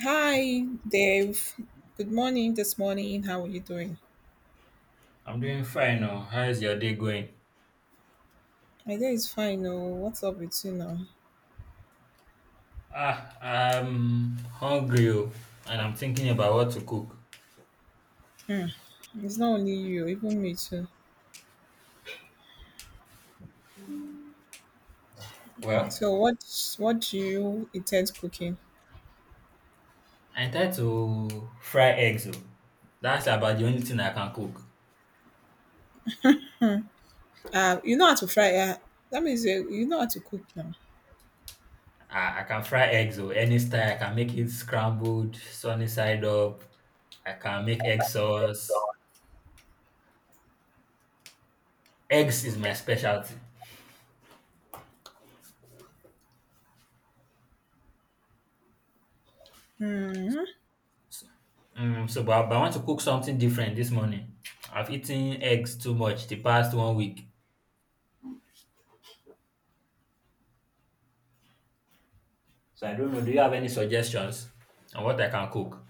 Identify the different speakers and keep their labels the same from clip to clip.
Speaker 1: Hi, Dave. Good morning this morning. How are you doing?
Speaker 2: I'm doing fine. Oh. How is your day going?
Speaker 1: My day is fine. Oh, what's up with you now?
Speaker 2: I'm hungry oh, and I'm thinking about what to cook.
Speaker 1: Hmm. It's not only you, even me too.
Speaker 2: Well,
Speaker 1: So, what do you intend cooking?
Speaker 2: I try to fry eggs. Oh. That's about the only thing I can cook.
Speaker 1: You know how to fry. That means you know how to cook now.
Speaker 2: I can fry eggs oh, any style. I can make it scrambled, sunny side up. I can make egg sauce. Eggs is my specialty.
Speaker 1: Hmm.
Speaker 2: So but I want to cook something different this morning. I've eaten eggs too much the past 1 week. So I don't know. Do you have any suggestions on what I can cook?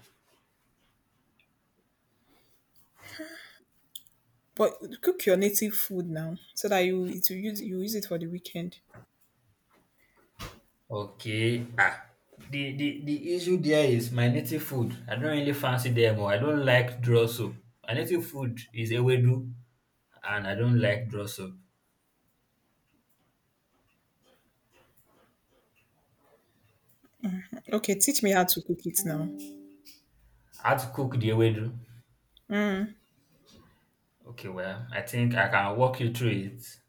Speaker 1: But cook your native food now, so that you it will use you use it for the weekend.
Speaker 2: Okay. Ah. The issue there is my native food. I don't really fancy them or I don't like draw soup. My native food is ewedu and I don't like draw soup.
Speaker 1: Okay, teach me how to cook it now.
Speaker 2: How to cook the ewedu? Okay, well, I think I can walk you through it.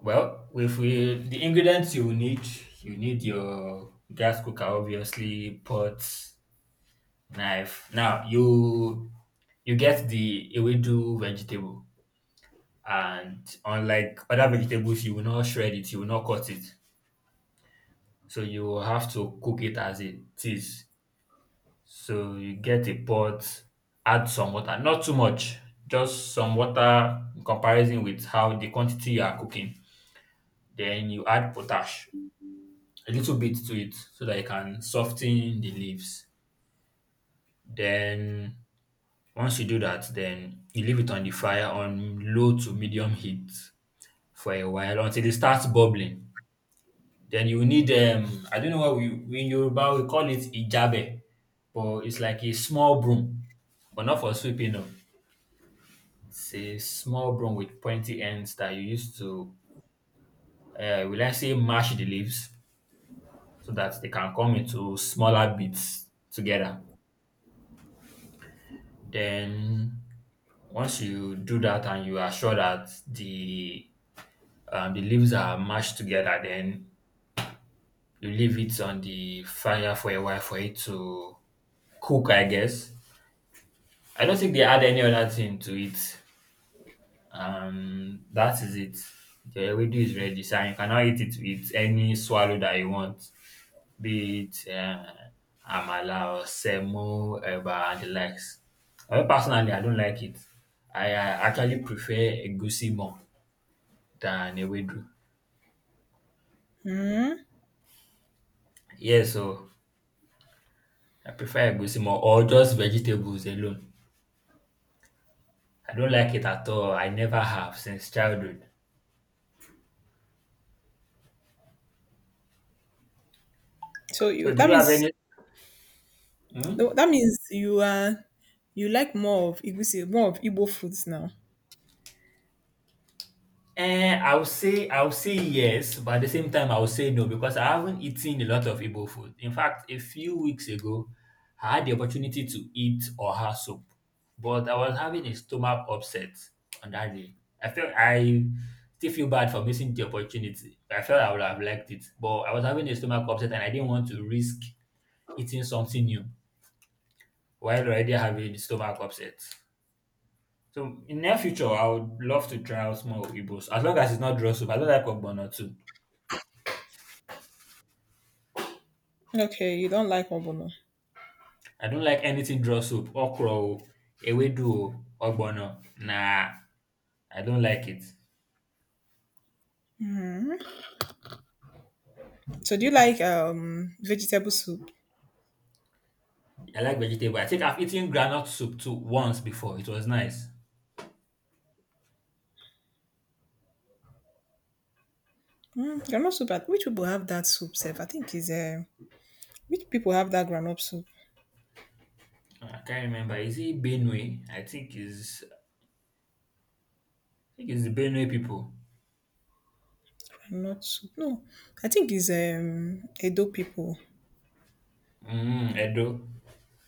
Speaker 2: Well, if we the ingredients you need your gas cooker, obviously, pot, knife. Now you get the ewedu vegetable, and unlike other vegetables, you will not shred it, you will not cut it. So you will have to cook it as it is. So you get a pot, add some water, not too much, just some water in comparison with how the quantity you are cooking. Then you add potash, a little bit to it, so that it can soften the leaves. Then once you do that, then you leave it on the fire on low to medium heat for a while until it starts bubbling. Then you will need I don't know what we in Yoruba we call it ijabe, but it's like a small broom, but not for sweeping up. It's a small broom with pointy ends that you use to will I say mash the leaves so that they can come into smaller bits together. Then once you do that and you are sure that the leaves are mashed together, then you leave it on the fire for a while for it to cook, I guess. I don't think they add any other thing to it. That is it. The ewedu is ready, so you can now eat it with any swallow that you want, be it amala or semo, eba, and the likes. Personally, I don't like it. I actually prefer egusi more than ewedu. Yeah, so I prefer egusi more or just vegetables alone. I don't like it at all. I never have since childhood.
Speaker 1: So
Speaker 2: So
Speaker 1: you
Speaker 2: do
Speaker 1: that
Speaker 2: you have any,
Speaker 1: means
Speaker 2: hmm?
Speaker 1: no, that means you are you like more of Igusi, more of Igbo foods now.
Speaker 2: Eh, I will say yes, but at the same time I will say no because I haven't eaten a lot of Igbo food. In fact, a few weeks ago, I had the opportunity to eat oha soup, but I was having a stomach upset on that day. I felt I still feel bad for missing the opportunity. I felt I would have liked it, but I was having a stomach upset and I didn't want to risk eating something new while already having stomach upset. So in near future, I would love to try out more Igbos as long as it's not draw soup. I don't like ogbono too.
Speaker 1: Okay, you don't like ogbono.
Speaker 2: I don't like anything draw soup, okra o, ewedu o, ogbono. Nah, I don't like it.
Speaker 1: Hmm. So do you like vegetable soup?
Speaker 2: I like vegetable. I think I've eaten granite soup too once before. It was nice.
Speaker 1: Mm, granite soup. I- Which people have that soup? Self, I think is which people have that granite soup?
Speaker 2: Ah, I can't remember. Is it Benue? I think it's the Benue people.
Speaker 1: Granite soup. No, I think is Edo people.
Speaker 2: Mm, Edo.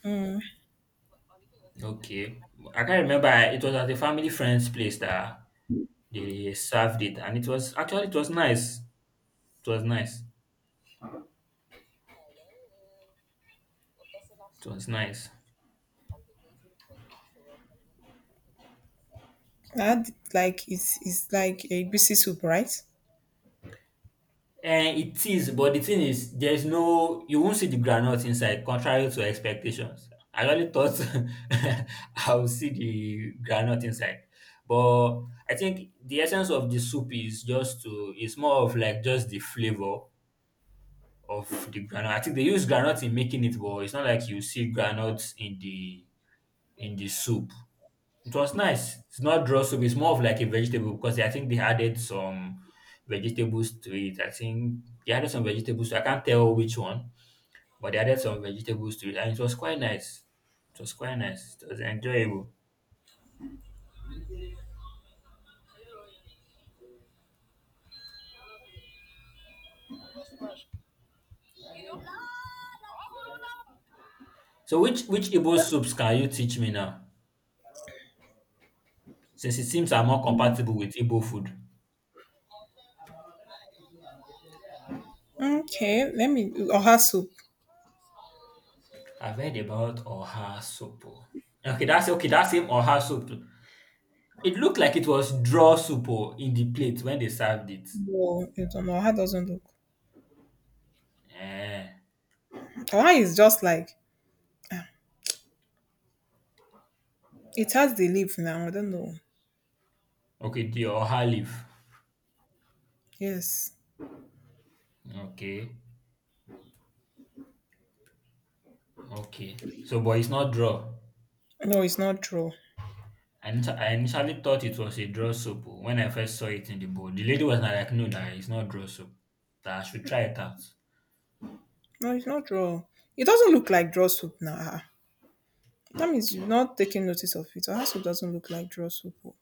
Speaker 1: Mm,
Speaker 2: Okay. I can't remember. It was at a family friend's place that they served it and it was actually it was nice. It was nice. It was nice.
Speaker 1: I like it's like a greasy soup, right?
Speaker 2: And it is, but the thing is, there's no you won't see the granite inside, contrary to expectations. I really thought I would see the granite inside. But I think the essence of the soup is just to it's more of like just the flavor of the granite. I think they use granite in making it, but it's not like you see granite in the soup. It was nice. It's not draw soup. It's more of like a vegetable because I think they added some vegetables to it. I think they added some vegetables. I can't tell which one, but they added some vegetables to it, and it was quite nice. It was quite nice. It was enjoyable. So, which Igbo soups can you teach me now? Since it seems I'm more compatible with Igbo food.
Speaker 1: Okay, let me oha soup.
Speaker 2: I've heard about oha soup. Oh. Okay, that's okay. That same oha soup. It looked like it was draw soup oh, in the plate when they served it.
Speaker 1: No, I don't know. Oha doesn't look.
Speaker 2: Eh.
Speaker 1: Oha is just like ah, it has the leaf now. I don't know.
Speaker 2: Okay, the Oha leaf.
Speaker 1: Yes.
Speaker 2: Okay, okay. So, but it's not draw.
Speaker 1: No, it's not true.
Speaker 2: I initially thought it was a draw soap oh, when I first saw it in the bowl. The lady was not like, no, that it's not draw soap. That I should try it out.
Speaker 1: No, it's not draw. It doesn't look like draw soup now. Ah. That means you're not taking notice of it. Our soup doesn't look like draw soup. Oh.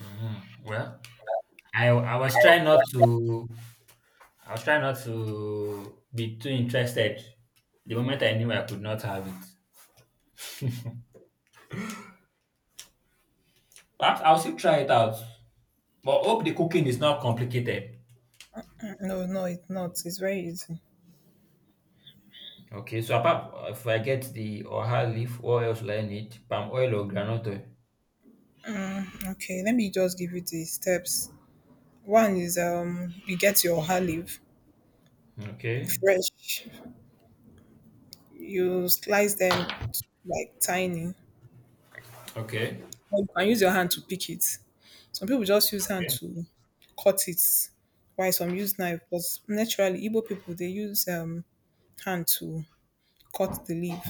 Speaker 2: Mhm. Well, I I was trying not to I was trying not to be too interested. The moment I knew I could not have it, perhaps I'll still try it out. But hope the cooking is not complicated.
Speaker 1: Mm, no, no, it's not. It's very easy.
Speaker 2: Okay, so apart if I get the oha leaf, what else will I need? Palm oil or groundnut oil?
Speaker 1: Okay, let me just give you the steps. One is you get your olive
Speaker 2: Okay,
Speaker 1: fresh. You slice them like tiny.
Speaker 2: okay,
Speaker 1: Or you can use your hand to pick it. Some people just use hand
Speaker 2: okay,
Speaker 1: to cut it. Why some use knife? Because naturally, Igbo people they use hand to cut the leaf,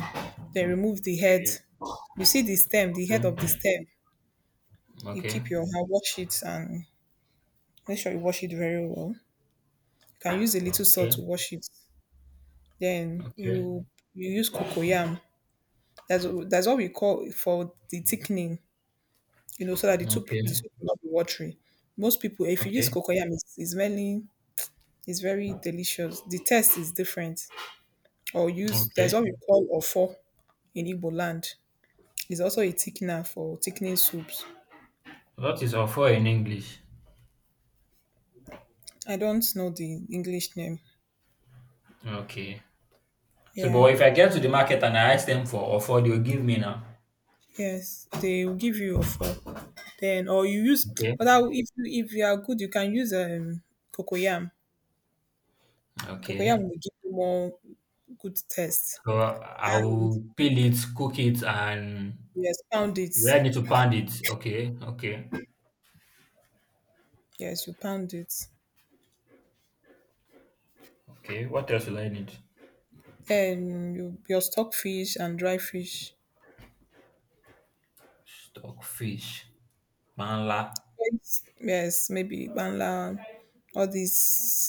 Speaker 1: then remove the head.
Speaker 2: okay,
Speaker 1: You see the stem, the head
Speaker 2: okay,
Speaker 1: of the stem. You
Speaker 2: okay,
Speaker 1: keep your hand, wash it, and make sure you wash it very well. You can use a little salt to wash it. Then
Speaker 2: okay,
Speaker 1: you use cocoyam. That's what we call for the thickening. You know, so that the soup the
Speaker 2: okay,
Speaker 1: soup will not be watery. Most people, if you use
Speaker 2: okay,
Speaker 1: cocoyam, it's mainly it's very delicious. The taste is different. Or use there's
Speaker 2: okay.
Speaker 1: what we call ofo in Igbo land. It's also a thickener for thickening soups.
Speaker 2: What is offer in English?
Speaker 1: I don't know the English name.
Speaker 2: Okay. So,
Speaker 1: Yeah.
Speaker 2: but if I get to the market and I ask them for offer, they'll give me now.
Speaker 1: Yes, they will give you offer. Then or you use
Speaker 2: Okay,
Speaker 1: but I, if you are good you can use cocoyam.
Speaker 2: okay.
Speaker 1: Cocoyam will give you more good taste.
Speaker 2: So I
Speaker 1: And
Speaker 2: will peel it, cook it, and
Speaker 1: yes, pound it.
Speaker 2: we I need to pound it. Okay, okay,
Speaker 1: Yes, you pound it.
Speaker 2: okay. What else will I need?
Speaker 1: Then you your stockfish and dry fish.
Speaker 2: Stockfish. Panla.
Speaker 1: Yes, yes, maybe banla, all these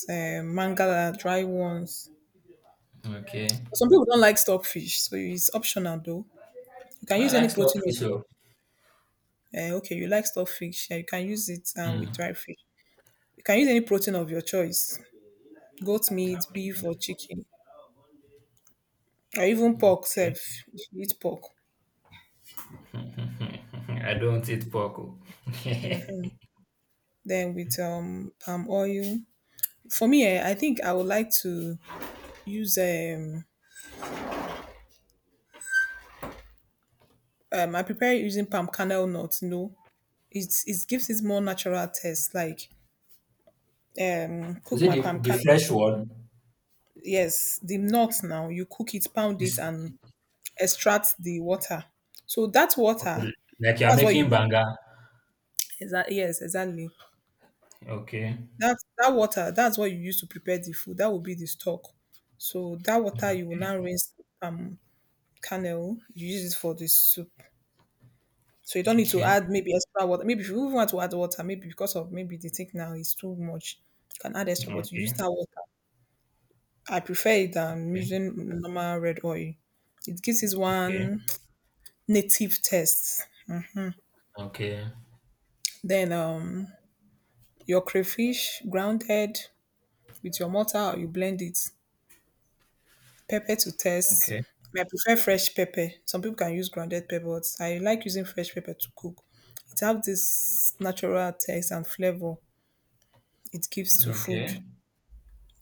Speaker 1: mangala dry ones.
Speaker 2: Okay.
Speaker 1: Some people don't like stockfish, so it's optional though. You can
Speaker 2: I
Speaker 1: use any
Speaker 2: like
Speaker 1: protein.
Speaker 2: stocky so.
Speaker 1: Okay, you like stock fish. Yeah, you can use it with
Speaker 2: Mm.
Speaker 1: dry fish. You can use any protein of your choice: goat meat, beef, or chicken, or even pork.
Speaker 2: Okay.
Speaker 1: Self, if you eat pork.
Speaker 2: I don't eat pork. Oh.
Speaker 1: Then with palm oil. For me, eh, I think I would like to use I prepare it using palm kernel nuts. You know, it's it gives it more natural taste. Like
Speaker 2: Is
Speaker 1: cook
Speaker 2: it
Speaker 1: my palm
Speaker 2: the
Speaker 1: kernel.
Speaker 2: fresh one?
Speaker 1: Yes, the nuts now you cook it, pound
Speaker 2: This
Speaker 1: it, and extract the water. So that
Speaker 2: okay.
Speaker 1: water,
Speaker 2: Like you are
Speaker 1: that's what
Speaker 2: making
Speaker 1: you
Speaker 2: banga.
Speaker 1: exactly. Yes, exactly.
Speaker 2: Okay.
Speaker 1: That that water, that's what you use to prepare the food. That will be the stock. So that water you will
Speaker 2: Okay.
Speaker 1: now rinse um cannel. You use it for the soup. So you don't need to
Speaker 2: Okay.
Speaker 1: add maybe extra water. Maybe if you even want to add water, maybe because of maybe the thing now is too much, you can add extra. But you use
Speaker 2: Okay.
Speaker 1: that water. I prefer it than
Speaker 2: Okay.
Speaker 1: using normal red oil. It gives it
Speaker 2: Okay.
Speaker 1: one native taste.
Speaker 2: Okay.
Speaker 1: Then your crayfish grounded with your mortar, you blend it. Pepper to test.
Speaker 2: Okay.
Speaker 1: I prefer fresh pepper. Some people can use grounded pepper, but I like using fresh pepper to cook. It has this natural taste and flavor it gives to food.
Speaker 2: Okay.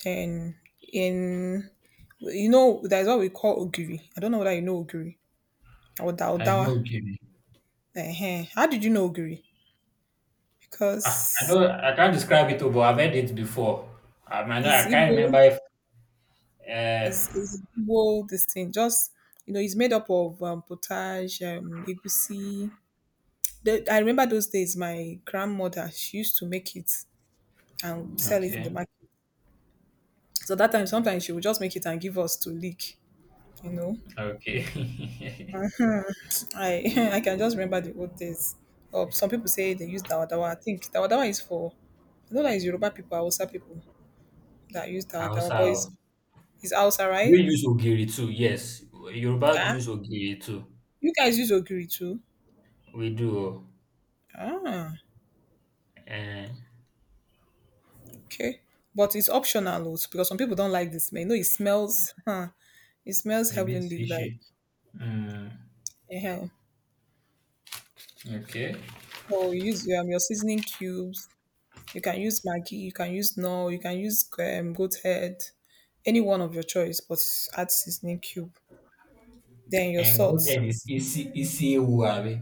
Speaker 1: Then in you know there's what we call ogiri. I don't know whether you know ogiri or
Speaker 2: I
Speaker 1: daudawa.
Speaker 2: know Gibby.
Speaker 1: How did you know ogiri?
Speaker 2: Ah, I
Speaker 1: Because
Speaker 2: know I can't describe it, oh, but I've heard it before. I might not,
Speaker 1: it's
Speaker 2: I can't remember
Speaker 1: Igbo,
Speaker 2: if uh
Speaker 1: is Igbo this thing. Just you know, it's made up of potage, egusi, the, I remember those days my grandmother she used to make it and sell it in the
Speaker 2: okay.
Speaker 1: market. So that time sometimes she would just make it and give us to lick, you know.
Speaker 2: Okay.
Speaker 1: I I can just remember the old days. Or some people say they use dawa dawa. I think dawa dawa is for I know that is Yoruba people, Hausa people that use dawa dawa,
Speaker 2: Hausa.
Speaker 1: but
Speaker 2: Oh.
Speaker 1: it's Hausa,
Speaker 2: We
Speaker 1: right?
Speaker 2: use ogiri too, yes. Yoruba do
Speaker 1: Ah,
Speaker 2: use ogiri too.
Speaker 1: you guys use ogiri too.
Speaker 2: We do.
Speaker 1: Ah,
Speaker 2: Uh,
Speaker 1: okay. But it's optional also because some people don't like the smell. You know, it smells. Huh, it smells
Speaker 2: a bit
Speaker 1: heavenly. Like,
Speaker 2: fishy. Mm,
Speaker 1: eh.
Speaker 2: okay.
Speaker 1: So you use your seasoning cubes. You can use Maggi, you can use no, you can use goat head, any one of your choice, but add seasoning cube. Then your
Speaker 2: And goat
Speaker 1: salt.
Speaker 2: head is isi isi ewu abi.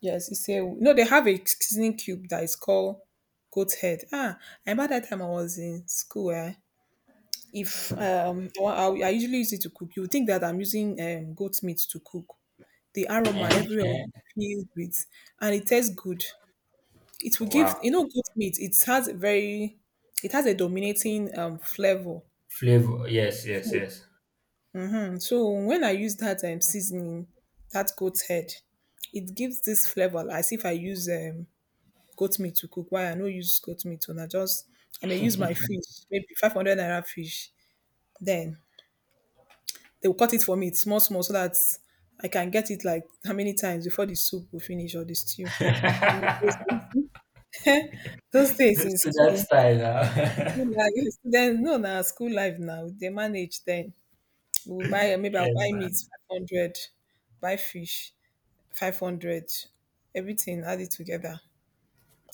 Speaker 1: Yes, it's a no. They have a seasoning cube that is called goat head. Ah, I remember that time I was in school. Eh, if I usually use it to cook. You would think that I'm using goat meat to cook. The aroma everywhere was
Speaker 2: Eh,
Speaker 1: filled with, and it tastes good. It will give you
Speaker 2: wow.
Speaker 1: know goat meat. It has a very it has a dominating flavor.
Speaker 2: Flavor. Yes, yes,
Speaker 1: Food.
Speaker 2: yes.
Speaker 1: And so when I use that seasoning, that goat head, it gives this flavor as if I use goat meat to cook. Why I no use goat meat and I just I may use my fish, maybe 500 naira fish. Then they will cut it for me, small small so that I can get it like how many times before the soup will finish or the stew.
Speaker 2: to
Speaker 1: Those days in
Speaker 2: that
Speaker 1: school.
Speaker 2: style.
Speaker 1: School
Speaker 2: Huh?
Speaker 1: life student no na school life now they manage then. We will buy maybe I'll
Speaker 2: yes,
Speaker 1: buy meat
Speaker 2: man.
Speaker 1: 500, buy fish 500, everything add it together.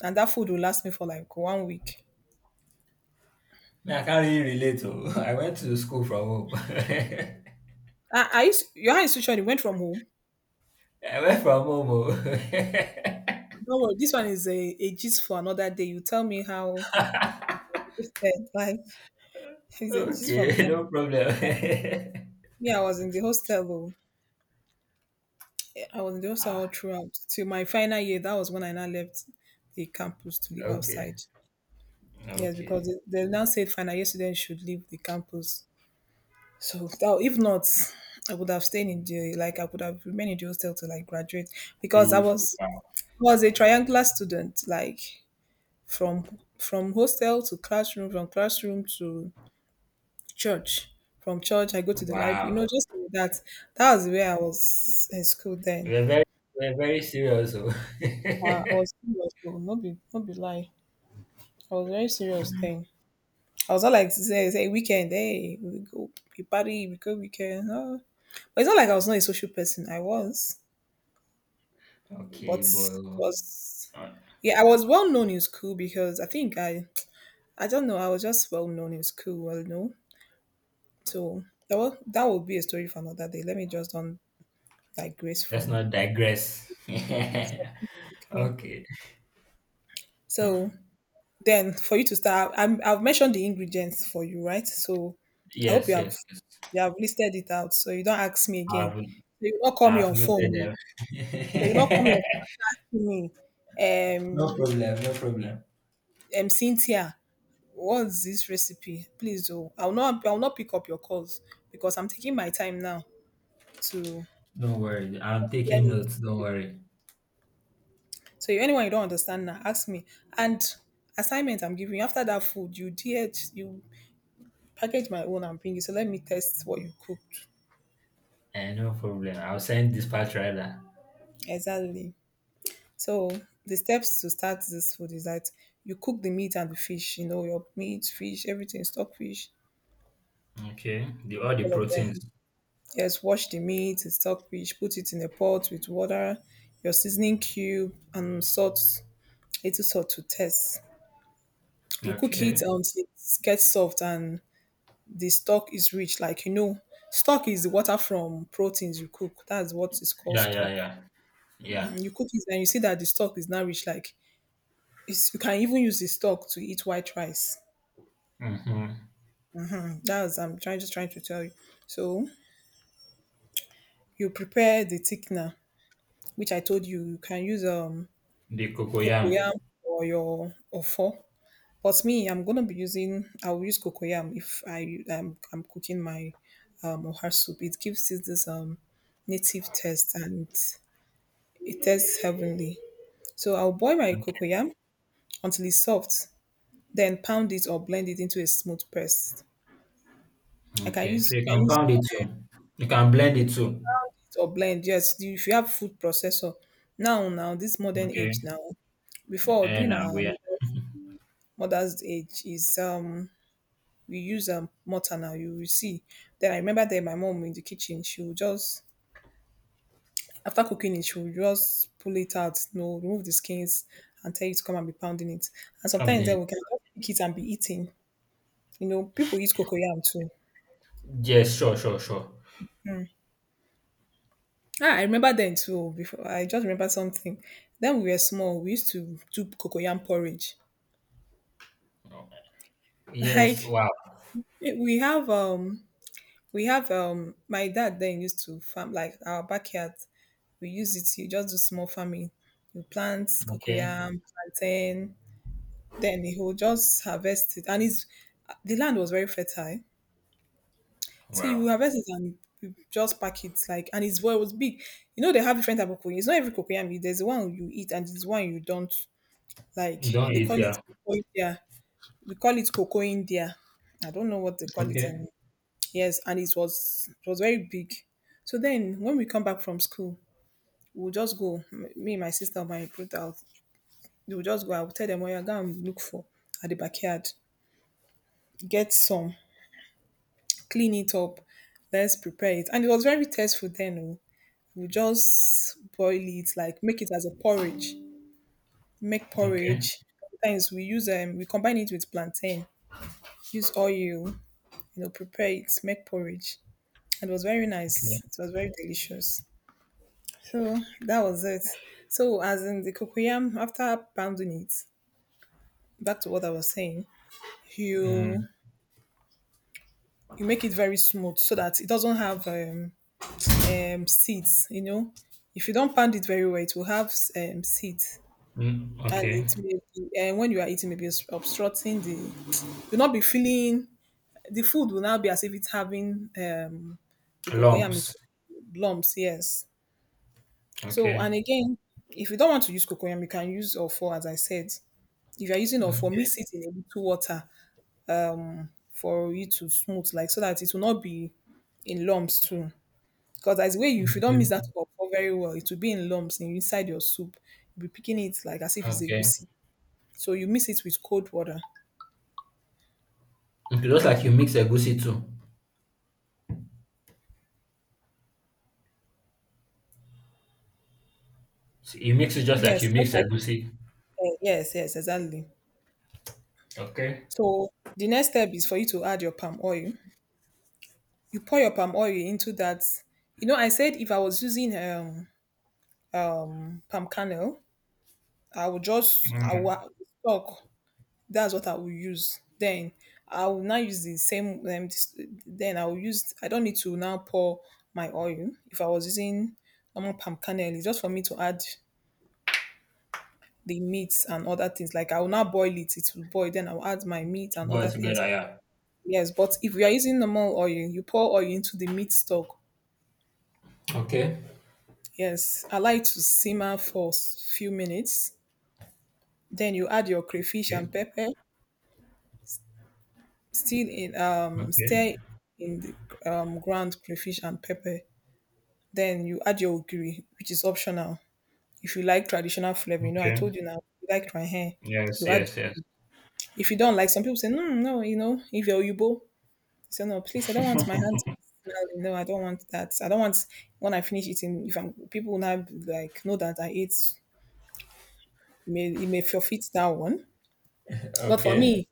Speaker 1: And that food will last me for like one week.
Speaker 2: Me, I can't really relate. Oh. I went to school from home.
Speaker 1: I used, your high institution you went from home.
Speaker 2: I went from home. Oh.
Speaker 1: Don't worry, this one is a gist for another day. You tell me how it's said, like it's a gist for another
Speaker 2: okay, no
Speaker 1: day.
Speaker 2: problem.
Speaker 1: Me, I was in the hostel though. Yeah, I was in the hostel all throughout. Till my final year, that was when I now left the campus to live
Speaker 2: okay.
Speaker 1: outside. Yes,
Speaker 2: Okay.
Speaker 1: because they now said final students should leave the campus. So that, if not, I would have stayed in the like I would have remained in the hostel to like graduate
Speaker 2: See
Speaker 1: because I
Speaker 2: you for wow.
Speaker 1: was a triangular student like from hostel to classroom from classroom to church from church I go to the library, you
Speaker 2: Wow.
Speaker 1: know, just like that, that was where I was in school then.
Speaker 2: We're very we're very serious oh.
Speaker 1: I was serious though, no be no be lie. I was very serious then. I was not like say say weekend, hey, we go we party, we go weekend. Oh. But it's not like I was not a social person. I was, but
Speaker 2: Okay, but
Speaker 1: it was
Speaker 2: uh,
Speaker 1: yeah, I was well known in school because I think I don't know I was just well known in school. Well, known. So that will be a story for another day. Let me just don't digress
Speaker 2: let's
Speaker 1: from.
Speaker 2: not digress.
Speaker 1: Okay,
Speaker 2: Okay.
Speaker 1: so then for you to start, I've mentioned the ingredients for you, right? So I hope
Speaker 2: Yes, yes, yes.
Speaker 1: you have listed it out, so you don't ask me again.
Speaker 2: I've
Speaker 1: So you not call me
Speaker 2: I've
Speaker 1: on
Speaker 2: noted
Speaker 1: phone, no.
Speaker 2: them.
Speaker 1: So you not call me on phone and start asking
Speaker 2: No
Speaker 1: me,
Speaker 2: problem, no problem.
Speaker 1: Cynthia, what's this recipe? Please do. I'll not pick up your calls because I'm taking my time now to
Speaker 2: No worry. I'm
Speaker 1: explain
Speaker 2: taking
Speaker 1: it.
Speaker 2: notes, don't worry.
Speaker 1: So if anyone you don't understand now, ask me. And assignment I'm giving you after that food, you did you package my own and bring it. So let me test what you cooked.
Speaker 2: Eh, no problem. I'll send dispatch rider.
Speaker 1: Exactly. So the steps to start this food is that you cook the meat and the fish, you know, your meat, fish, everything, stockfish,
Speaker 2: Okay. The
Speaker 1: cook
Speaker 2: all the
Speaker 1: all of them.
Speaker 2: proteins.
Speaker 1: Yes, wash the meat, the stockfish, put it in a pot with water, your seasoning cube, and salt, little salt to taste. You cook
Speaker 2: Okay.
Speaker 1: it until it gets soft and the stock is rich. Like, you know, stock is the water from proteins you cook. That's what is called
Speaker 2: Yeah, yeah,
Speaker 1: stock.
Speaker 2: yeah. Yeah.
Speaker 1: You cook it and you see that the stock is now rich. Like, it's, you can even use the stock to eat white rice.
Speaker 2: Mm-hmm.
Speaker 1: That's I'm trying just trying to tell you. So you prepare the thickener, which I told you you can use
Speaker 2: The cocoyam.
Speaker 1: cocoyam or your ofo. But me, I'm gonna be using I will use cocoyam if I'm cooking my ohar soup. It gives it this native taste and it tastes heavenly. So I'll boil my
Speaker 2: Okay.
Speaker 1: cocoyam until it's soft, then pound it or blend it into a smooth paste.
Speaker 2: Okay. So you
Speaker 1: I
Speaker 2: can
Speaker 1: use
Speaker 2: pound it too. You can blend it too.
Speaker 1: or blend. Yes, if you have food processor now this modern age
Speaker 2: Okay.
Speaker 1: now. Before
Speaker 2: And
Speaker 1: during our
Speaker 2: we are
Speaker 1: mother's age is we use mortar now. You will see. Then I remember that my mom in the kitchen she would just after cooking it she would just pull it out, you know, remove the skins and tell you to come and be pounding it. And sometimes
Speaker 2: coming.
Speaker 1: then we can just pick it and be eating. You know, people eat cocoyam too.
Speaker 2: Yes, sure, sure, sure.
Speaker 1: I remember then too. Before I just remember something. Then we were small. We used to do cocoyam porridge.
Speaker 2: Yes,
Speaker 1: Like
Speaker 2: wow.
Speaker 1: Eh, We have um we have my dad then used to farm like our backyard. We use it to just do small farming. We plant
Speaker 2: Okay.
Speaker 1: cocoyam, plantain, then he will just harvest it. And it's The land was very fertile. So you will
Speaker 2: Wow.
Speaker 1: harvest it and you just pack it like and it's well it was big. You know they have different type of cocoyam. It's not every cocoyam, there's the one you eat and there's the one you don't, like
Speaker 2: You don't
Speaker 1: they
Speaker 2: eat
Speaker 1: call it
Speaker 2: here.
Speaker 1: cocoa India. We call it cocoa India. I don't know what they call it
Speaker 2: Okay.
Speaker 1: in. Yes, and it was very big. So then when we come back from school, we'll just go. M- Me, my sister, my brother, we'll just go. I'll tell them, well, you're going to look for at the backyard. Get some, clean it up. Let's prepare it. And it was very tasteful then, oh. We'll just boil it, like make it as a porridge. Make
Speaker 2: Okay.
Speaker 1: porridge. Sometimes we combine it with plantain, use oil, you know, prepare it, make porridge. And it was very
Speaker 2: Okay.
Speaker 1: nice. It was very delicious. So that was it. So as in the cocoyam, after pounding it, back to what I was saying,
Speaker 2: Mm.
Speaker 1: you you make it very smooth so that it doesn't have seeds. You know, if you don't pound it very well, it will have seeds,
Speaker 2: Mm.
Speaker 1: and
Speaker 2: Okay.
Speaker 1: it may be, and when you are eating, maybe it's obstructing the. You'll not be feeling the food will now be as if it's having the cocoyam it
Speaker 2: Lumps.
Speaker 1: lumps. Yes. So and
Speaker 2: Okay.
Speaker 1: again, if you don't want to use cocoyam, you can use or as I said. If you're using off,
Speaker 2: Okay.
Speaker 1: mix it in a little water for it to smooth, like so that it will not be in lumps too. Because as the way you, if you don't mix
Speaker 2: Okay.
Speaker 1: that up very well, it will be in lumps inside your soup. You'll be picking it like as if it's
Speaker 2: Okay.
Speaker 1: egusi. So you mix it with cold water.
Speaker 2: Okay, just like you mix egusi too. So you mix it just like you
Speaker 1: Yes, just
Speaker 2: mix
Speaker 1: like
Speaker 2: egusi.
Speaker 1: yes, exactly.
Speaker 2: Okay.
Speaker 1: So the next step is for you to add your palm oil. You pour your palm oil into that. You know, I said if I was using palm kernel, I
Speaker 2: Mm.
Speaker 1: would stock, that's what I will use. Then I will now use the same. This, then I will use. I don't need to now pour my oil. If I was using normal palm kernel, it's just for me to add the meats and other things. Like I will now boil it. It will boil. Then I will add my meat and
Speaker 2: Go
Speaker 1: other things.
Speaker 2: together, yeah.
Speaker 1: Yes, but if you are using normal oil, you pour oil into the meat stock.
Speaker 2: Okay.
Speaker 1: Yes, allow it to simmer for few minutes. Then you add your crayfish
Speaker 2: Okay.
Speaker 1: and pepper. Still in
Speaker 2: Okay.
Speaker 1: stir in the ground crayfish and pepper. Then you add your ogiri, which is optional. If you like traditional flavor, you know, I
Speaker 2: Okay.
Speaker 1: told you now, if you like my hair,
Speaker 2: Yes,
Speaker 1: you add.
Speaker 2: yes, yes.
Speaker 1: If you don't like, some people say, no, no, you know, if you're Yubo, you say, no, please, I don't want my hands to smell. No, I don't want that. I don't want, when I finish eating, if I'm, people will now be like, know that I ate, it may forfeit that one. But for
Speaker 2: Okay.
Speaker 1: me,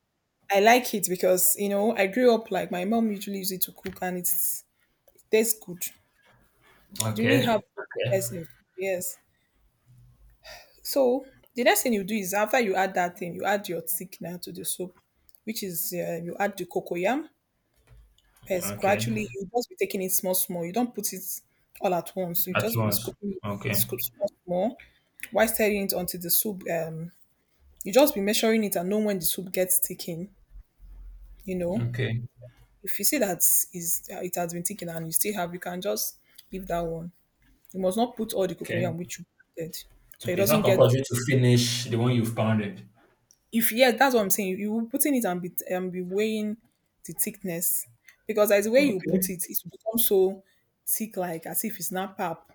Speaker 1: I like it because, you know, I grew up like my mom usually used it to cook and it's tastes good. It really
Speaker 2: Okay,
Speaker 1: have,
Speaker 2: okay,
Speaker 1: yes, yes. So the next thing you do is after you add that thing, you add your thickener to the soup, which is you add the cocoyam paste
Speaker 2: okay.
Speaker 1: gradually. You just be taking it small, small. You don't put it all at once. You
Speaker 2: At
Speaker 1: just be
Speaker 2: once.
Speaker 1: scooping it,
Speaker 2: Okay.
Speaker 1: scoop small, small while stirring it until the soup. You just be measuring it and know when the soup gets thickened. You know,
Speaker 2: Okay.
Speaker 1: if you see that is it has been thickened and you still have, you can just leave that one. You must not put all the
Speaker 2: Okay.
Speaker 1: cocoyam which you added, so it
Speaker 2: Okay, it's not
Speaker 1: doesn't get,
Speaker 2: compulsory to finish the one you've pounded.
Speaker 1: if yes, that's what I'm saying. You will putting it and be weighing the thickness because as the way you
Speaker 2: Okay.
Speaker 1: put it, it will become so thick, like as if it's not pap.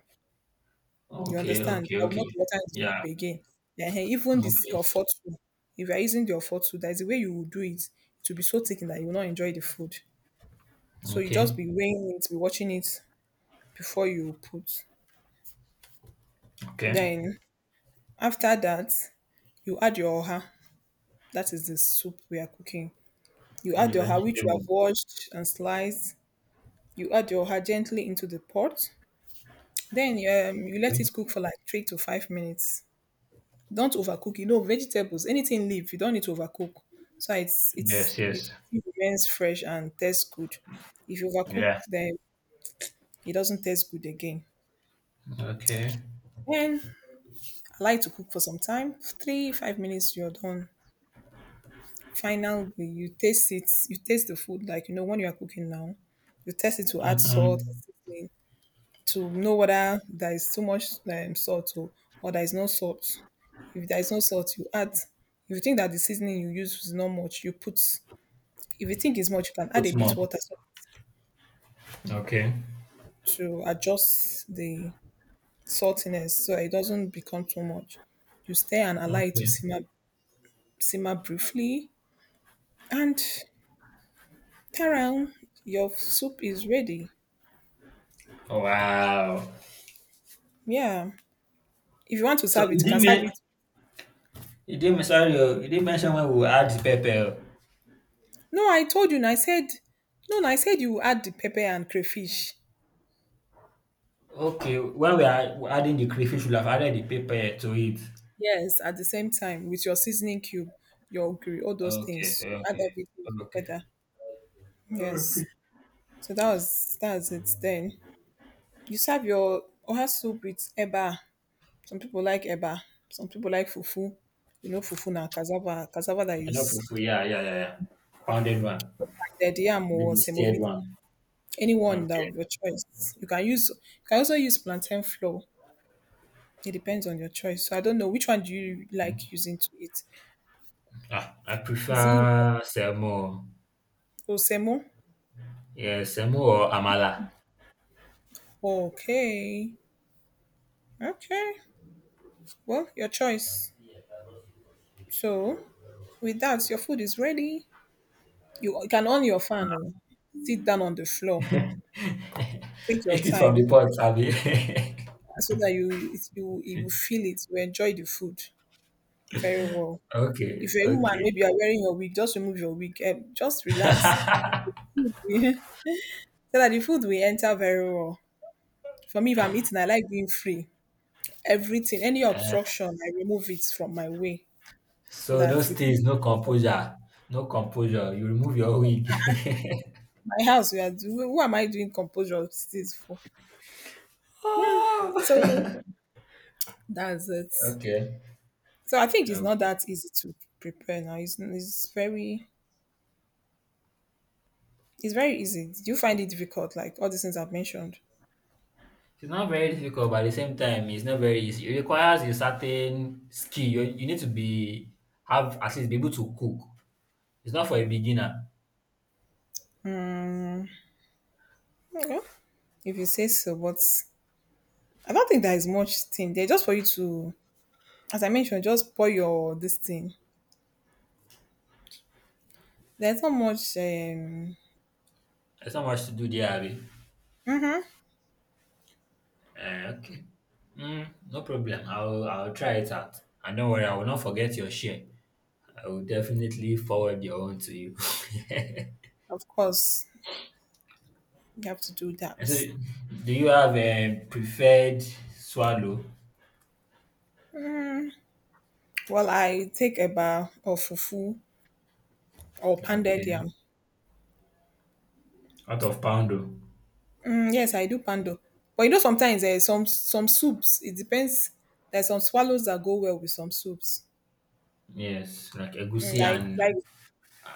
Speaker 1: You
Speaker 2: Okay,
Speaker 1: understand?
Speaker 2: okay,
Speaker 1: I will not
Speaker 2: okay.
Speaker 1: water the
Speaker 2: Yeah.
Speaker 1: soup again. Ehen, even this
Speaker 2: Okay.
Speaker 1: your fork too. If you are using your fork too, that's the way you will do it. It will be so thick that you will not enjoy the food. So you just
Speaker 2: Okay.
Speaker 1: be weighing it, be watching it before you put.
Speaker 2: Okay.
Speaker 1: Then after that, you add your oha. That is the soup we are cooking. You
Speaker 2: The
Speaker 1: add your oha which you
Speaker 2: vegetable.
Speaker 1: have washed and sliced. You add your oha gently into the pot. Then you let
Speaker 2: Okay.
Speaker 1: it cook for like 3 to 5 minutes. Don't overcook. You know, vegetables, anything leaf, you don't need to overcook. So
Speaker 2: Yes,
Speaker 1: it
Speaker 2: yes.
Speaker 1: still remains fresh and tastes good. If you overcook,
Speaker 2: Yeah.
Speaker 1: then it doesn't taste good again.
Speaker 2: Okay.
Speaker 1: Then I like to cook for some time. 3, 5 minutes, you're done. Final, you taste it. You taste the food like you know when you are cooking now. You taste it to add salt,
Speaker 2: Mm-hmm.
Speaker 1: to know whether there is too much salt or there is no salt. If there is no salt, you add. If you think that the seasoning you use is not much, you put. If you think it's much, you can
Speaker 2: Put
Speaker 1: add a
Speaker 2: more.
Speaker 1: bit water so
Speaker 2: Okay.
Speaker 1: to adjust the saltiness so it doesn't become too much. You stay and allow it to
Speaker 2: Okay.
Speaker 1: simmer, simmer briefly, and taran, your soup is ready.
Speaker 2: Wow.
Speaker 1: Yeah. If you want to
Speaker 2: So
Speaker 1: serve it, you can serve it.
Speaker 2: you didn't sorry, oh, you didn't mention when we will add the pepper. Oh.
Speaker 1: No, I told you. Na I said, no, na I said you add the pepper and crayfish.
Speaker 2: Okay, when we are adding the crayfish, we would have added the pepper to it.
Speaker 1: Yes, at the same time, with your seasoning cube, your ogiri, all those
Speaker 2: Okay,
Speaker 1: things,
Speaker 2: okay,
Speaker 1: you add everything
Speaker 2: okay.
Speaker 1: together.
Speaker 2: Okay.
Speaker 1: Yes. So that's it then. You serve your oha soup with eba. Some people like eba. Some people like fufu. You know fufu na cassava, cassava that
Speaker 2: I know
Speaker 1: is
Speaker 2: fufu, yeah, yeah, yeah, yeah. Pounded one,
Speaker 1: the yam or
Speaker 2: maybe stirred
Speaker 1: semovita.
Speaker 2: one.
Speaker 1: Anyone that
Speaker 2: Okay.
Speaker 1: of your choice. You can use, you can also use plantain flour. It depends on your choice. So I don't know which one do you like using to eat.
Speaker 2: Ah, I
Speaker 1: Is it
Speaker 2: prefer semo.
Speaker 1: osemo?
Speaker 2: Yeah, semo or amala.
Speaker 1: Okay. Okay. Well, your choice. So, with that, your food is ready. You can on your fan, oh. Sit down on the floor. Take your
Speaker 2: Eat it from the
Speaker 1: time
Speaker 2: pot, Abi.
Speaker 1: so that you you will feel it. You enjoy the food very well.
Speaker 2: Okay,
Speaker 1: If you're a woman,
Speaker 2: okay.
Speaker 1: maybe you're wearing your wig. Just remove your wig. Just relax. So that the food will enter very well. For me, if I'm eating, I like being free. Everything, any
Speaker 2: Eh,
Speaker 1: obstruction, I remove it from my way so
Speaker 2: so
Speaker 1: that
Speaker 2: those
Speaker 1: the food
Speaker 2: things, no composure, no composure. You remove your wig.
Speaker 1: my house we are doing who am I doing composure of this for. So
Speaker 2: Oh.
Speaker 1: that's it.
Speaker 2: Okay.
Speaker 1: So I think it's not
Speaker 2: Okay.
Speaker 1: that easy to prepare now. It's very, it's very easy. Do you find it difficult, like all the things I've mentioned?
Speaker 2: It's not very difficult, but at the same time, it's not very easy. It requires a certain skill. You need to be have at least be able to cook. It's not for a beginner.
Speaker 1: Okay. If you say so, but I don't think there is much thing there. Just for you to, as I mentioned, just pour your this thing. There's not much.
Speaker 2: There's not much to do there, Abby.
Speaker 1: Hmm.
Speaker 2: Okay. No problem. I'll try it out. And don't worry, I will not forget your share. I will definitely forward your own to you.
Speaker 1: Of course, you have to do that.
Speaker 2: And so, do you have a preferred swallow?
Speaker 1: Well, I take a bar of fufu or pounded
Speaker 2: Okay.
Speaker 1: yam.
Speaker 2: Out of poundo.
Speaker 1: Mm, yes, I do pando. But you know, sometimes some soups. It depends. There's some swallows that go well with some soups.
Speaker 2: Yes, like
Speaker 1: Mm,
Speaker 2: egusi and
Speaker 1: Like,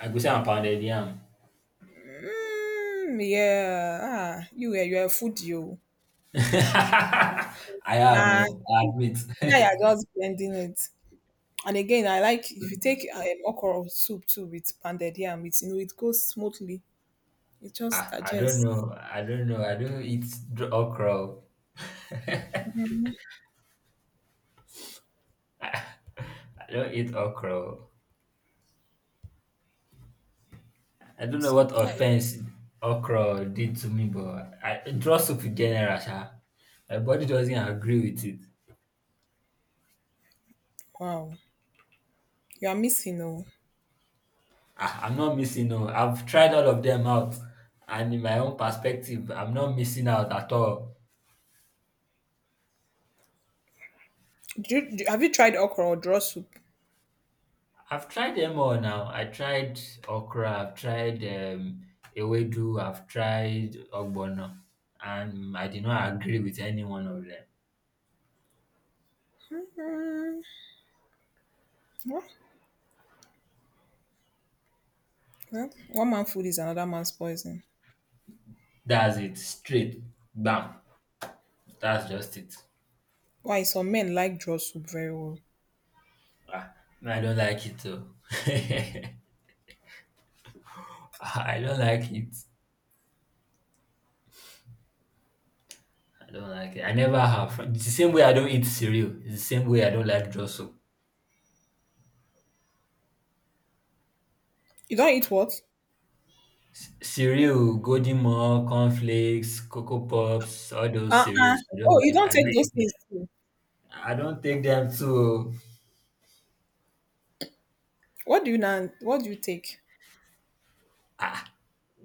Speaker 2: I go say I'm pounded yam.
Speaker 1: mm, yeah. Ah, you are a foodie, oh.
Speaker 2: I am,
Speaker 1: Nah,
Speaker 2: oh, I
Speaker 1: see,
Speaker 2: admit.
Speaker 1: yeah, you're just blending it. And again, I like if you take okra soup too with pounded yam. It's, you know it goes smoothly. It just
Speaker 2: Ah, I don't
Speaker 1: digests.
Speaker 2: know. I don't know. I don't eat dr- okra. Oh.
Speaker 1: Mhm.
Speaker 2: I don't eat okra. Oh. I don't know
Speaker 1: So
Speaker 2: what
Speaker 1: that-
Speaker 2: offense okra did to me, but I draw soup in general, sha. My body doesn't agree with it.
Speaker 1: wow, you are missing. Oh,
Speaker 2: Ah, I'm not missing. No, I've tried all of them out, and in my own perspective, I'm not missing out at all.
Speaker 1: do you, have you tried okra or draw soup?
Speaker 2: I've tried them all now. I tried okra, I've tried ewedu, I've tried ogbono, and I did not agree with any one of them.
Speaker 1: Mm, Well, one man food is another man's poison.
Speaker 2: That's it, straight, bam. That's just it.
Speaker 1: Why some men like draw soup very well.
Speaker 2: I don't like it though. I don't like it. I don't like it. I never have. It's the same way I don't eat cereal. It's the same way I don't like draw soup.
Speaker 1: You don't eat what?
Speaker 2: Cereal, golden more, cornflakes, cocoa pops, all those
Speaker 1: Uh-uh.
Speaker 2: cereals. I don't
Speaker 1: Oh, you
Speaker 2: like. I
Speaker 1: don't
Speaker 2: don't
Speaker 1: take those
Speaker 2: eat.
Speaker 1: things too.
Speaker 2: I don't take them to
Speaker 1: What do you now? What do you take?
Speaker 2: ah,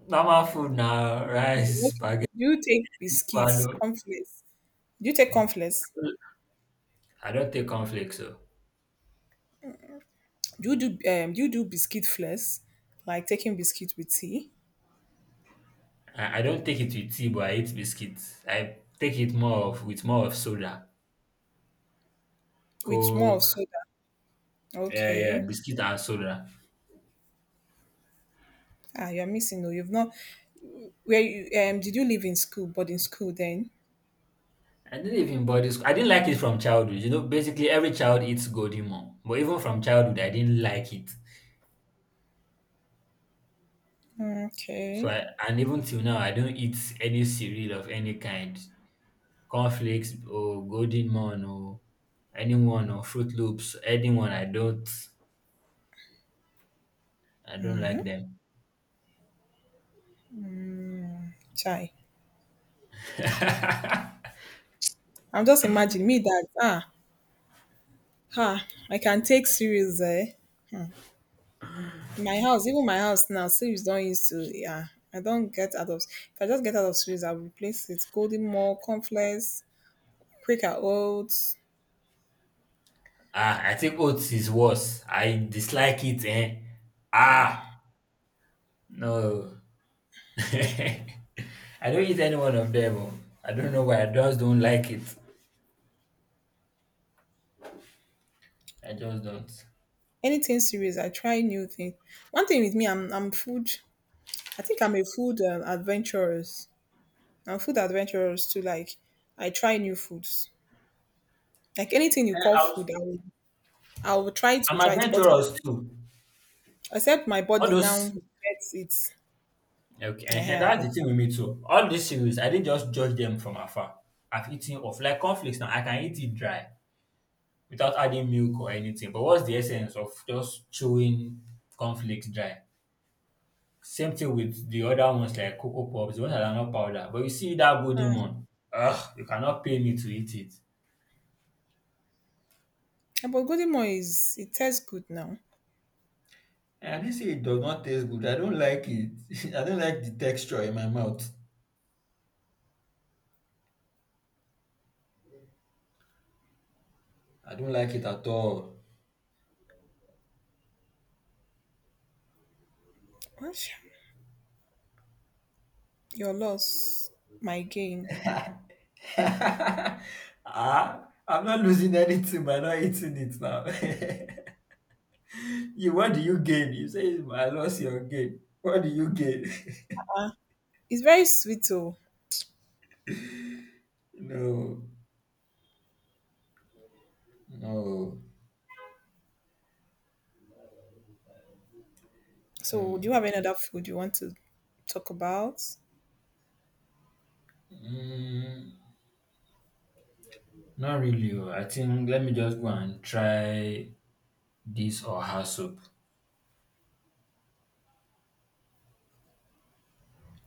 Speaker 2: normal food now, rice,
Speaker 1: What,
Speaker 2: spaghetti,
Speaker 1: do you take biscuits,
Speaker 2: swallow.
Speaker 1: cornflakes? Do you take cornflakes?
Speaker 2: I don't take cornflakes, so
Speaker 1: Do you do biscuit flakes, like taking biscuit with tea,
Speaker 2: I don't take it with tea, but I eat biscuits. I take it more of with more of soda,
Speaker 1: with more of
Speaker 2: coke,
Speaker 1: soda?
Speaker 2: yeah, yeah,
Speaker 1: Okay.
Speaker 2: biscuit and soda.
Speaker 1: Ah, you're missing. No, you've not. Where you Did you live in school? But in school then?
Speaker 2: I didn't even body school. I didn't like it from childhood. You know, basically every child eats golden mom, but even from childhood, I didn't like it.
Speaker 1: Mm,
Speaker 2: So
Speaker 1: okay.
Speaker 2: and even till now, I don't eat any cereal of any kind. Cornflakes or golden morn or anyone or fruit loops, anyone, I don't, I don't like them.
Speaker 1: Chai. I'm just imagining me that ah, ha! I can take series My house, even my house now, series don't used to. Yeah, I don't get out of, if I just get out of series, I will replace it golden more, cornflakes, Quaker oats,
Speaker 2: I think oats is worse. I dislike it. Ah no. I don't eat any one of them oh. I don't know why, I just don't like it. I just don't.
Speaker 1: anything series, I try new thing. One thing with me, I'm food, I think I'm a food adventurous. I'm food adventurous too, like I try new foods. Like anything you
Speaker 2: Eh,
Speaker 1: call
Speaker 2: I was,
Speaker 1: food, I will, I will try to
Speaker 2: I'm
Speaker 1: try it, but
Speaker 2: adventurous
Speaker 1: except
Speaker 2: too.
Speaker 1: except my
Speaker 2: All
Speaker 1: body
Speaker 2: those
Speaker 1: now gets
Speaker 2: Okay, and
Speaker 1: it
Speaker 2: that's the thing with me too. All these cereals, I didn't just judge them from afar. I've eaten off like cornflakes. Now I can eat it dry without adding milk or anything. But what's the essence of just chewing cornflakes dry? Same thing with the other ones like cocoa pops, the ones that are not powder. But you see that golden one, ugh, you cannot pay me to eat it.
Speaker 1: Yeah, but golden is, it tastes good now.
Speaker 2: And I didn't say it does not taste good. I don't like it. I don't like the texture in my mouth. I don't like it at all.
Speaker 1: Osh, your loss, my gain.
Speaker 2: ah, I'm not losing anything by not eating it now. What do you gain? You say I lost your gain. What do you gain?
Speaker 1: It's very sweet though.
Speaker 2: No. No,
Speaker 1: So do
Speaker 2: no,
Speaker 1: you have any other food you want to talk about?
Speaker 2: mm, not really. Oh. I think let me just go and try this or her soup.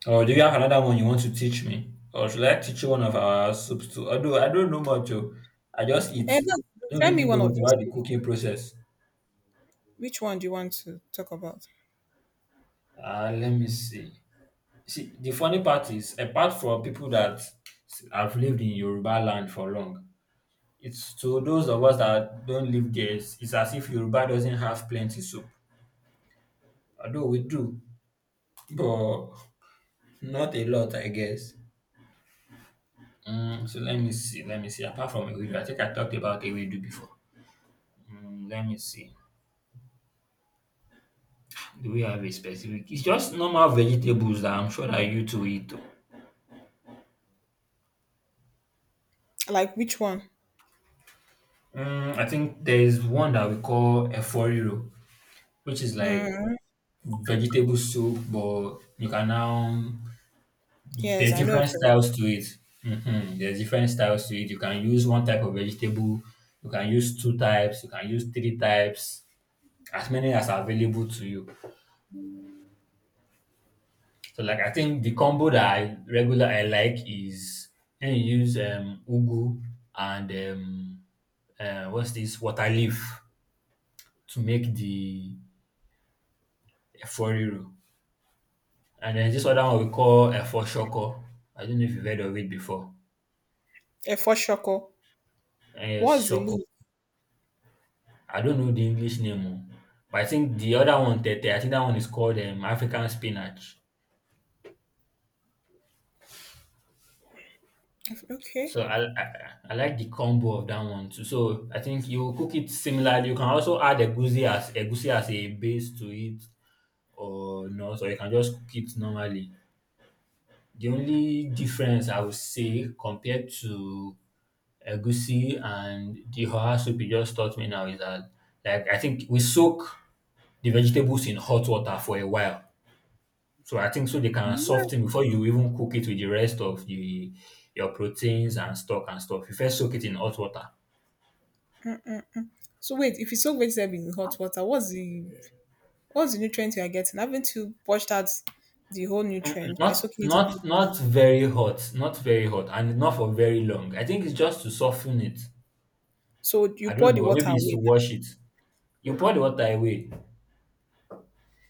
Speaker 2: Oh, do you have another one you want to teach me, or should I teach you one of our soups too? Although I don't know much, oh. I just eat.
Speaker 1: And
Speaker 2: I don't
Speaker 1: tell me
Speaker 2: really know
Speaker 1: one of
Speaker 2: much
Speaker 1: your
Speaker 2: about the
Speaker 1: foods.
Speaker 2: cooking process.
Speaker 1: Which one do you want to talk about?
Speaker 2: Let me see. See, the funny part is, apart from people that have lived in Yoruba land for long, it's to those of us that don't live there. It's as if Yoruba doesn't have plenty soup. Although we do, but not a lot, I guess. So let me see, let me see. Apart from Ewedu, I think I talked about Ewedu before. Let me see. Do we have a specific? It's just normal vegetables that I'm sure that you two eat, though.
Speaker 1: Like which one?
Speaker 2: I think there is one that we call eforiro, which is like
Speaker 1: Mm,
Speaker 2: vegetable soup, but you can now,
Speaker 1: yes,
Speaker 2: there's
Speaker 1: I know a
Speaker 2: different styles to it. There's different styles to it. You can use one type of vegetable, you can use two types, you can use three types, as many as are available to you. So like I think the combo that I like is when you use ugu and what's this water leaf to make the eforiro. And then this other one we call efo shoko. I don't know if you've heard of it before.
Speaker 1: efo shoko. What's the
Speaker 2: Shoko.
Speaker 1: leaf?
Speaker 2: I don't know the English name, oh. But I think the other one, tete, I think that one is called African spinach. So
Speaker 1: Okay.
Speaker 2: I like the combo of that one too. So I think you cook it similarly. You can also add egusi as a base to it or not, or you can just cook it normally. The only difference I would say compared to egusi and the hot soup you just taught me now is that like I think we soak the vegetables in hot water for a while. So I think so they can
Speaker 1: Yeah.
Speaker 2: soften before you even cook it with the rest of the your proteins and stock and stuff. You first soak it in hot water.
Speaker 1: So wait, if you soak vegetable in hot water, what's the, what's the nutrient you are getting? Haven't you washed out the whole nutrient by
Speaker 2: Not,
Speaker 1: soaking it in hot
Speaker 2: not,
Speaker 1: water?
Speaker 2: not very hot, not very hot, and not for very long. I think it's just to soften it.
Speaker 1: So you
Speaker 2: I
Speaker 1: pour
Speaker 2: don't
Speaker 1: the
Speaker 2: know, or
Speaker 1: water
Speaker 2: maybe it's to
Speaker 1: away.
Speaker 2: wash it. You pour the water away.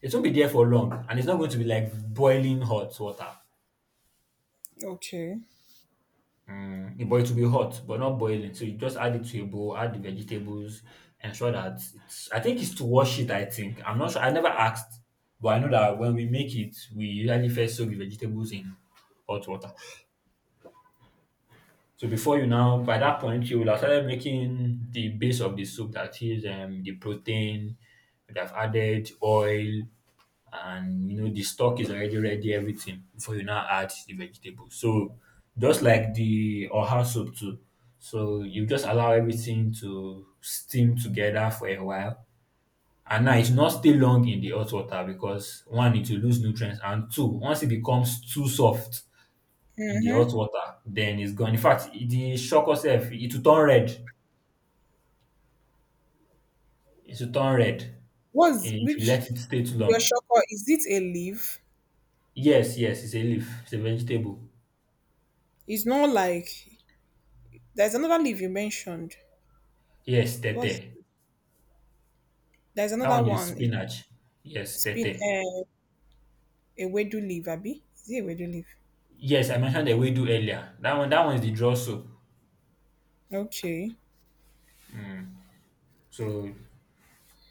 Speaker 2: It won't be there for long, and it's not going to be like boiling hot water.
Speaker 1: Okay.
Speaker 2: But it will be hot, but not boiling. So you just add it to a bowl, add the vegetables, ensure that it's. I think it's to wash it. I think I'm not sure. I never asked, but I know that when we make it, we usually first soak the vegetables in hot water. So before you now, by that point, you will have started making the base of the soup, that is the protein. You'd have added oil, and you know the stock is already ready. Everything before you now add the vegetables. So just like the oha soup too. So you just allow everything to steam together for a while. And now it's not stay long in the hot water because one, it will lose nutrients, and two, once it becomes too soft in the hot water, then it's gone. In fact, the shock itself, it will turn red. It will turn red,
Speaker 1: What's
Speaker 2: if you
Speaker 1: which
Speaker 2: let it stay too
Speaker 1: your
Speaker 2: long.
Speaker 1: shocker? Is it a leaf?
Speaker 2: Yes, yes, it's a leaf. It's a vegetable.
Speaker 1: It's not like there's another leaf you mentioned.
Speaker 2: Yes,
Speaker 1: What's
Speaker 2: tete.
Speaker 1: there's
Speaker 2: That
Speaker 1: another
Speaker 2: one is
Speaker 1: one?
Speaker 2: spinach. Yes,
Speaker 1: Spin
Speaker 2: tete.
Speaker 1: a wedu leaf, Abby. Is it a wedu leaf?
Speaker 2: Yes, I mentioned the do earlier. That one is the draw soup.
Speaker 1: Okay.
Speaker 2: So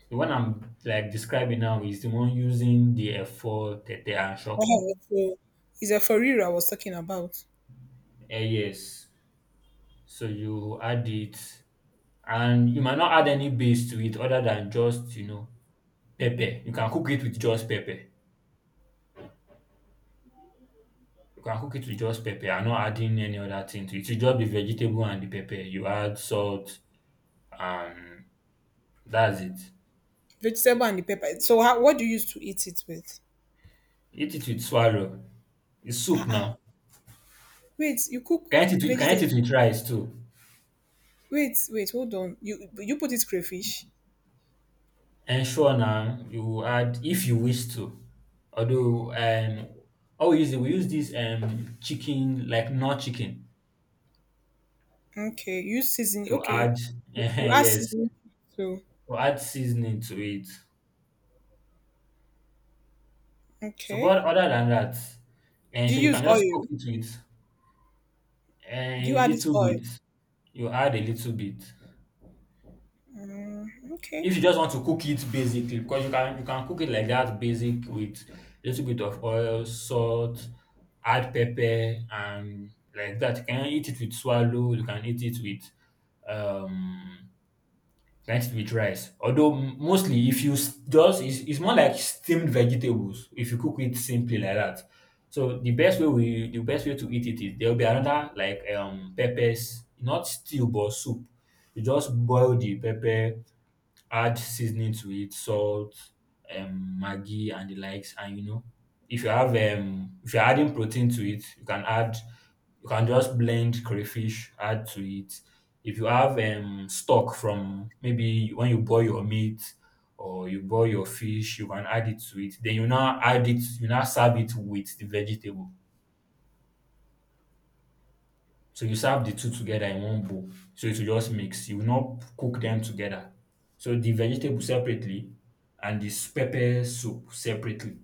Speaker 2: the one I'm like describing now is the one using the F4, tete, and shoko.
Speaker 1: Oh, so it's a farina I was talking about.
Speaker 2: Yes. So you add it, and you might not add any base to it other than just pepper. You can cook it with just pepper. You can cook it with just pepper and not adding any other thing to it. It's just the vegetable and the pepper. You add salt, and that's it.
Speaker 1: Vegetable and the pepper. So how, what do you use to eat it with?
Speaker 2: Eat it with swallow. It's soup
Speaker 1: Ah, ah,
Speaker 2: now.
Speaker 1: wait, you
Speaker 2: You
Speaker 1: cook
Speaker 2: can eat it with, you can eat
Speaker 1: vegetable.
Speaker 2: it with rice too.
Speaker 1: Wait, wait, hold on. You put it crayfish.
Speaker 2: And sure, now you add if you wish to. Although how we use it, we use this chicken, like not chicken,
Speaker 1: Okay, you season.
Speaker 2: to
Speaker 1: Okay,
Speaker 2: add
Speaker 1: you add
Speaker 2: yes,
Speaker 1: seasoning too.
Speaker 2: to add seasoning to it. So but
Speaker 1: Okay.
Speaker 2: other than that, and
Speaker 1: Do
Speaker 2: so you
Speaker 1: you
Speaker 2: can
Speaker 1: use
Speaker 2: just cook
Speaker 1: oil?
Speaker 2: it with.
Speaker 1: Do you add this
Speaker 2: Little
Speaker 1: oil?
Speaker 2: bit. You add a little bit.
Speaker 1: Mm,
Speaker 2: If
Speaker 1: okay.
Speaker 2: you just want to cook it basically, because you can cook it like that basic with a little bit of oil, salt, add pepper and like that. You can eat it with swallow, you can eat it with um Next with rice. Although mostly if you just it's more like steamed vegetables if you cook it simply like that. So the best way to eat it is there will be another like peppers, not stew but soup. You just boil the pepper, add seasoning to it, salt, Maggi and the likes. And you know, if you have if you're adding protein to it, you can just blend crayfish, add to it. If you have stock from maybe when you boil your meat or you boil your fish, you can add it to it. Then you now add it, you now serve it with the vegetable. So you serve the two together in one bowl. So it will just mix. You will not cook them together. So the vegetable separately and this pepper soup separately.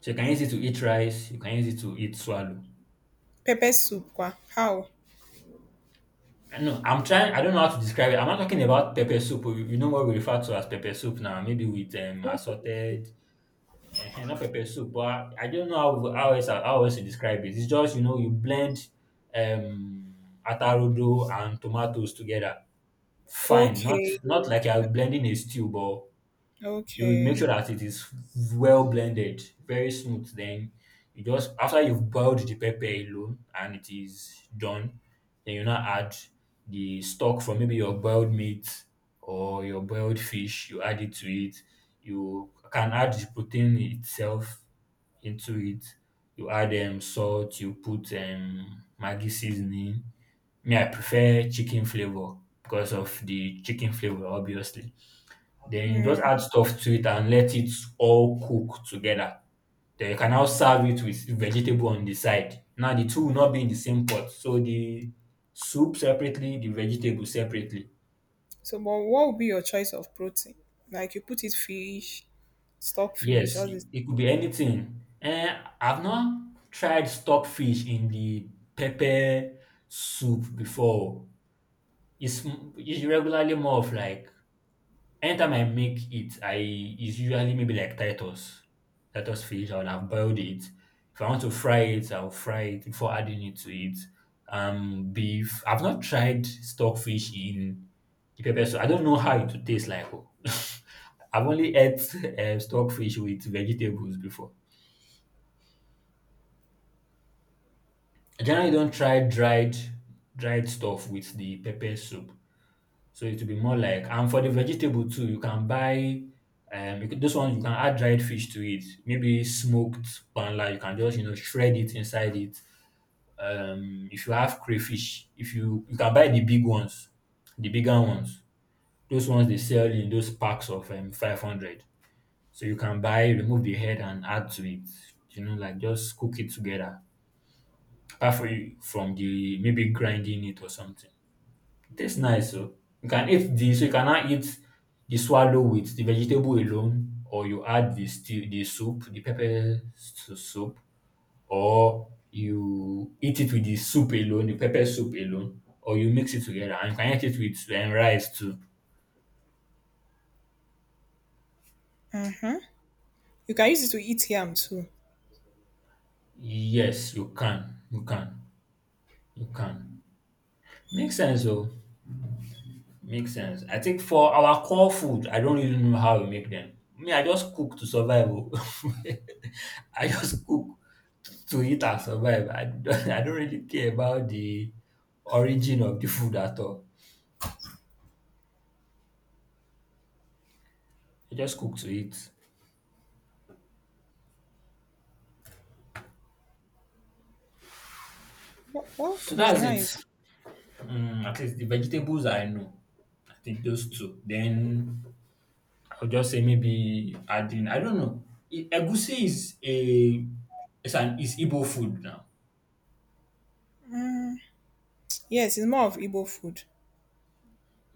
Speaker 2: So you can use it to eat rice, you can use it to eat swallow.
Speaker 1: Pepper soup kwa. How?
Speaker 2: I know I'm trying, I don't know how to describe it. I'm not talking about pepper soup. You know what we refer to as pepper soup now, maybe with
Speaker 1: Not pepper soup.
Speaker 2: assorted, not pepper soup, but I don't know how else to describe it. It's just, you blend um atarodo and tomatoes together fine, not
Speaker 1: Okay.
Speaker 2: not like you're blending a stew, but you make
Speaker 1: Okay.
Speaker 2: sure that it is well blended, very smooth. Then you just, after you've boiled the pepper alone and it is done, then you now add the stock from maybe your boiled meat or your boiled fish. You add it to it. You can add the protein itself into it. You add salt. You put Maggi seasoning. Me, I prefer chicken flavor because of the chicken flavor, obviously. Then you just add stuff to it and let it all cook together. Then you can now serve it with vegetable on the side. Now the two will not be in the same pot. So the soup separately, the vegetable separately.
Speaker 1: So, but what would be your choice of protein? Like you put it fish, stockfish,
Speaker 2: Yes,
Speaker 1: all this.
Speaker 2: it could be anything. I've not tried stockfish in the pepper soup before. It's it's regularly more of like anytime I make it, I is usually maybe like Titus fish. I would have boiled it. If I want to fry it, I'll fry it before adding it to it. Beef. I've not tried stockfish in the pepper soup. I don't know how it would taste like. Oh. I've only ate stockfish with vegetables before. I generally don't try dried stuff with the pepper soup. So it will be more like and for the vegetable too, you can buy those ones you can add dried fish to it. Maybe smoked panla, you can just shred it inside it. If you have crayfish, if you can buy the big ones, the bigger ones. Those ones they sell in those packs of 500. So you can buy, remove the head and add to it. Like just cook it together. Apart from the maybe grinding it or something. Tastes nice so. You can eat the So you can now eat the swallow with the vegetable alone or you add the soup, the soup or you eat it with the soup alone, the pepper soup alone or you mix it together and you can eat it with rice too.
Speaker 1: Mm-hmm. You can use it to eat yam too.
Speaker 2: Yes, you can. You can. You can. Makes sense oh. Makes sense. I think for our core food, I don't really know how we make them. Me, I just cook to survive. Oh. I just cook to eat and survive. I don't, I don't really care about the origin of the food at all. I just cook to eat.
Speaker 1: Oh, oh,
Speaker 2: So
Speaker 1: it's
Speaker 2: that's it.
Speaker 1: nice.
Speaker 2: Mm, at least the vegetables I know. I think those two. Then I'll just say maybe adding. I don't know. Egusi is a it's an is Igbo food now.
Speaker 1: Yes, it's more of Igbo food.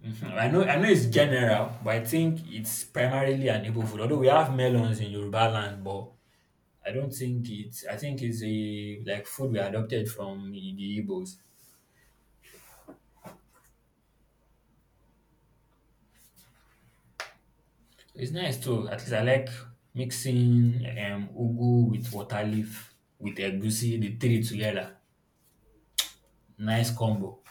Speaker 2: Mhm. I know it's general, but I think it's primarily an Igbo food. Although we have melons in Yoruba land, but I don't think it's. I think it's a like food we adopted from the Igbos. So it's nice too. At least I like mixing ugu with water leaf with egusi, the three together. Nice combo.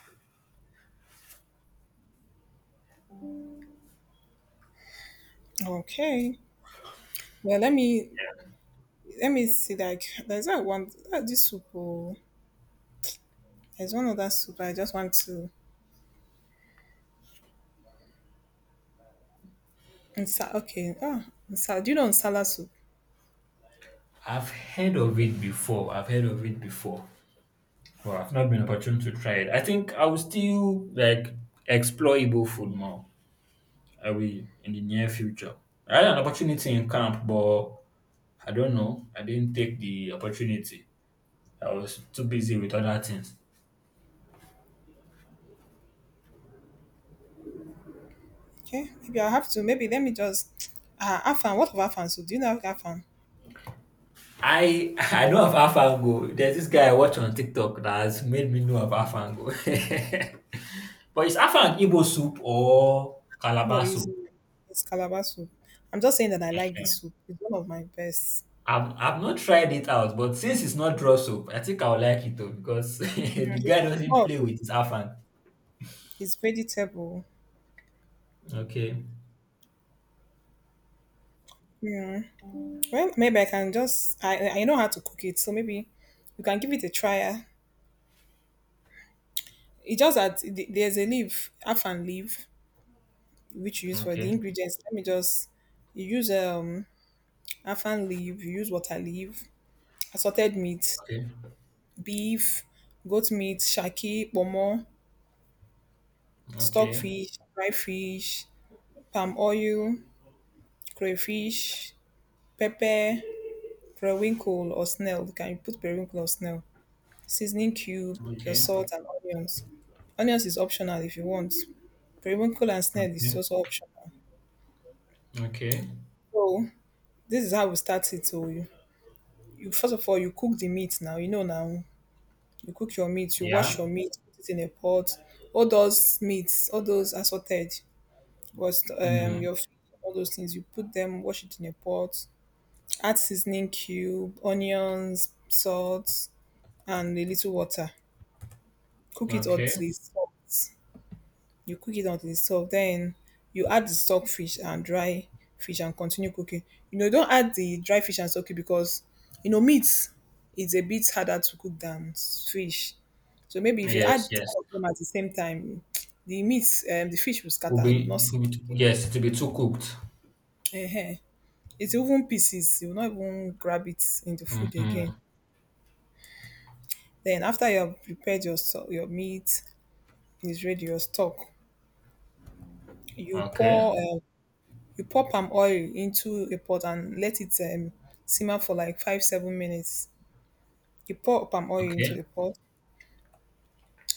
Speaker 1: Okay. Well, let me, let me see. Like, there's that one. That this soup. Oh, there's one other soup. I just want to. Nsa, okay. Ah, Nsa. Do you know Nsala soup?
Speaker 2: I've heard of it before. I've heard of it before, but I've not been opportune to try it. I think I will still like explore Igbo food more. I will in the near future. I had an opportunity in camp, but I don't know. I didn't take the opportunity. I was too busy with other things.
Speaker 1: Okay, maybe I have to. Maybe let me just. Ah, Afan. What of Afan soup? Do you know Afan?
Speaker 2: I I know of AlphaGo. There's this guy I watch on TikTok that has made me know of AlphaGo. But is AlphaGo Igbo soup or
Speaker 1: No,
Speaker 2: Calabar
Speaker 1: it's
Speaker 2: soup?
Speaker 1: it's Calabar soup. I'm just saying that I
Speaker 2: Eh,
Speaker 1: like the soup. It's one of my best.
Speaker 2: I've not tried it out, but since it's not raw soup, I think I'll like it though because
Speaker 1: Mm,
Speaker 2: the
Speaker 1: It's,
Speaker 2: guy
Speaker 1: it's
Speaker 2: doesn't
Speaker 1: more of,
Speaker 2: play with his afang.
Speaker 1: it's vegetable.
Speaker 2: Okay,
Speaker 1: Well, maybe I can just. I know how to cook it, so maybe you can give it a try. Ah, it's just that there's a leaf, Afan leaf, which you use for
Speaker 2: okay,
Speaker 1: the ingredients. Let me just. You use Afan leaf. You use water leaf, assorted meat,
Speaker 2: okay,
Speaker 1: beef, goat meat, shaki, pomo,
Speaker 2: okay.
Speaker 1: stockfish, dry fish, palm oil, crayfish, pepper, periwinkle or snail. You can put periwinkle or snail. Seasoning cube, your
Speaker 2: Okay,
Speaker 1: salt and onions. Onions is optional if you want. Periwinkle and snail is
Speaker 2: okay,
Speaker 1: also optional.
Speaker 2: okay.
Speaker 1: So this is how we start it. So you first of all you cook the meat now. You know now you cook your meat, you wash your
Speaker 2: Yeah.
Speaker 1: meat, put it in a pot. All those meats, all those assorted. Was
Speaker 2: Mm,
Speaker 1: your all those things. You put them, wash it in a pot, add seasoning cube, onions, salt, and a little water. Cook it
Speaker 2: okay.
Speaker 1: until it's soft. You cook it until it's soft. Then you add the stock fish and dry fish and continue cooking. You know, don't add the dry fish and stock it because you know meat is a bit harder to cook than fish. So maybe if you
Speaker 2: Yes,
Speaker 1: add
Speaker 2: yes.
Speaker 1: all of them at the same time, the meat, the fish will scatter. You will not see
Speaker 2: Will be too-
Speaker 1: it
Speaker 2: yes, it will be too cooked.
Speaker 1: again. Ehen, it will even pieces, you will not even grab it in the food
Speaker 2: Mm-hmm.
Speaker 1: again. Then after you have prepared your your meat is ready, your stock, you
Speaker 2: Okay.
Speaker 1: pour um, you pour palm oil into a pot and let it simmer for like 5 7 minutes. You pour palm oil
Speaker 2: Okay.
Speaker 1: into the pot,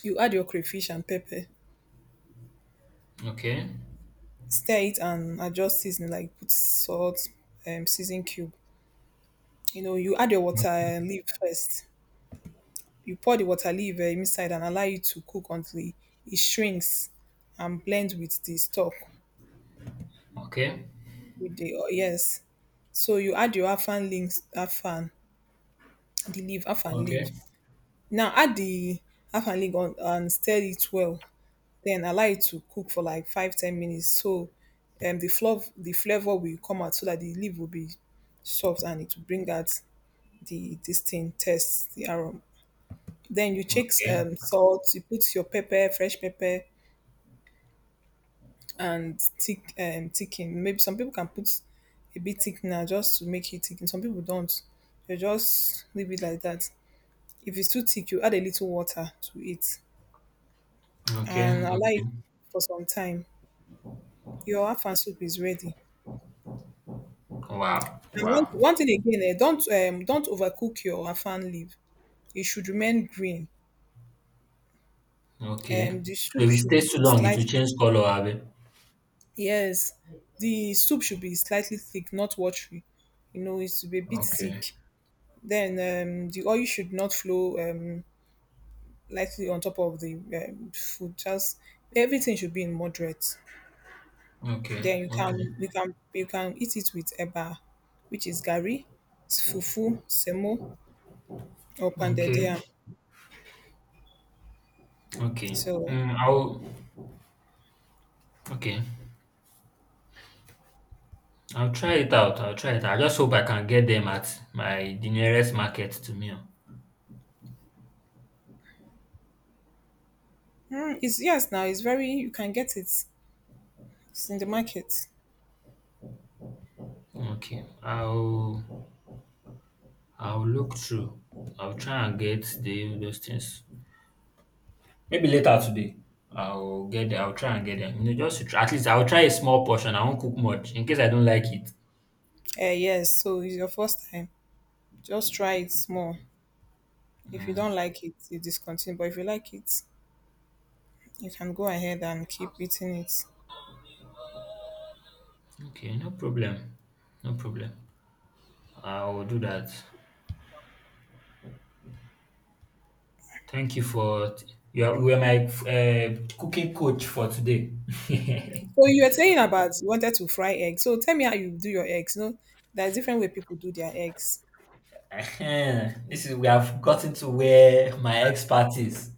Speaker 1: you add your crayfish and pepper,
Speaker 2: Okay.
Speaker 1: stir it and adjust seasoning, like put salt, season cube, you know, you add your water leaf first. You pour the water leaf inside and allow it to cook until e shrinks and blend with the stock,
Speaker 2: Okay.
Speaker 1: with the oil. Yes. So you add your afang, links afang, the leaf, afang
Speaker 2: Okay.
Speaker 1: leaf. Now add the afang leaf on and stir it well. Then allow it to cook for like 5 10 minutes, so the flour, the flavour will come out so that the leaf will be soft and it will bring out the this thing taste, the aroma. Then you check
Speaker 2: Okay.
Speaker 1: salt, you put your pepper, fresh pepper, and thick thickened. Maybe some people can put a bit thickener just to make it thicken. Some people don't. They just leave it like that. If it's too thick, you add a little water to it
Speaker 2: Okay.
Speaker 1: and allow
Speaker 2: Okay.
Speaker 1: it for some time. Your afan soup is ready.
Speaker 2: Wow.
Speaker 1: And one,
Speaker 2: Wow.
Speaker 1: one thing again, eh, don't overcook your afan leaf. It should remain green.
Speaker 2: Okay.
Speaker 1: The soup
Speaker 2: If it
Speaker 1: should
Speaker 2: stays too
Speaker 1: be
Speaker 2: long, it will change
Speaker 1: slightly,
Speaker 2: color, Abby.
Speaker 1: yes, the soup should be slightly thick, not watery. You know, it should be a bit
Speaker 2: Okay.
Speaker 1: thick. Then the oil should not flow lightly on top of the food. Just everything should be in moderate.
Speaker 2: Okay.
Speaker 1: Then you
Speaker 2: Okay.
Speaker 1: can, you can, you can eat it with eba, which is gari, fufu, semo, or pounded
Speaker 2: Okay.
Speaker 1: yam.
Speaker 2: Okay.
Speaker 1: So
Speaker 2: Mm, I'll okay. I'll try it out. I'll try it. I just hope I can get them at my the nearest market to me. Oh.
Speaker 1: mm, it's, yes now it's very, you can get it. It's in the market.
Speaker 2: Okay. I'll look through. I'll try and get the those things. Maybe later today. I'll get them. I'll try and get them. You know, just to try, at least I'll try a small portion. I won't cook much in case I don't like it.
Speaker 1: Eh yes. So it's your first time. Just try it more. If you don't like it, you discontinue. But if you like it, you can go ahead and keep eating it.
Speaker 2: Okay, no problem. No problem. I'll do that. Thank you for you are my cooking coach for today.
Speaker 1: So you were saying about you wanted to fry eggs. So tell me how you do your eggs. No, there's different way people do their eggs.
Speaker 2: This is we have gotten to where my expert is.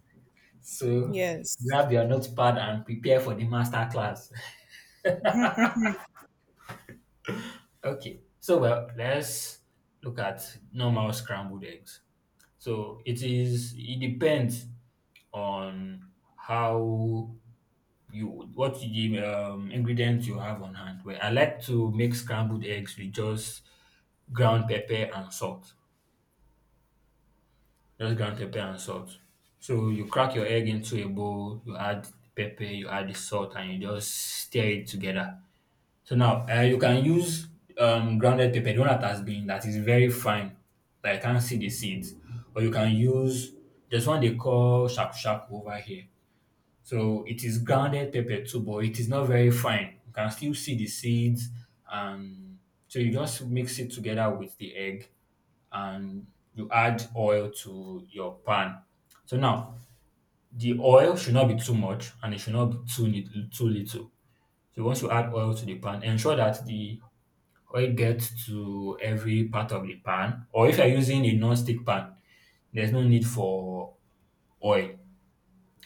Speaker 2: So
Speaker 1: Yes.
Speaker 2: grab your notepad and prepare for the master class. Okay. So well, let's look at normal scrambled eggs. So it is it depends on how you what the ingredients you have on hand. Well, I like to make scrambled eggs with just ground pepper and salt. Just ground pepper and salt. So you crack your egg into a bowl, you add pepper, you add the salt, and you just stir it together. So now you can use grounded pepper, the one that has been that is very fine, that you can't see the seeds, or you can use there's one they call shaku shaku over here. So it is grounded pepper too, but it is not very fine. You can still see the seeds, and so you just mix it together with the egg and you add oil to your pan. So now the oil should not be too much and it should not be too too little. So once you add oil to the pan, ensure that the oil gets to every part of the pan. Or if you're using a non-stick pan, there's no need for oil.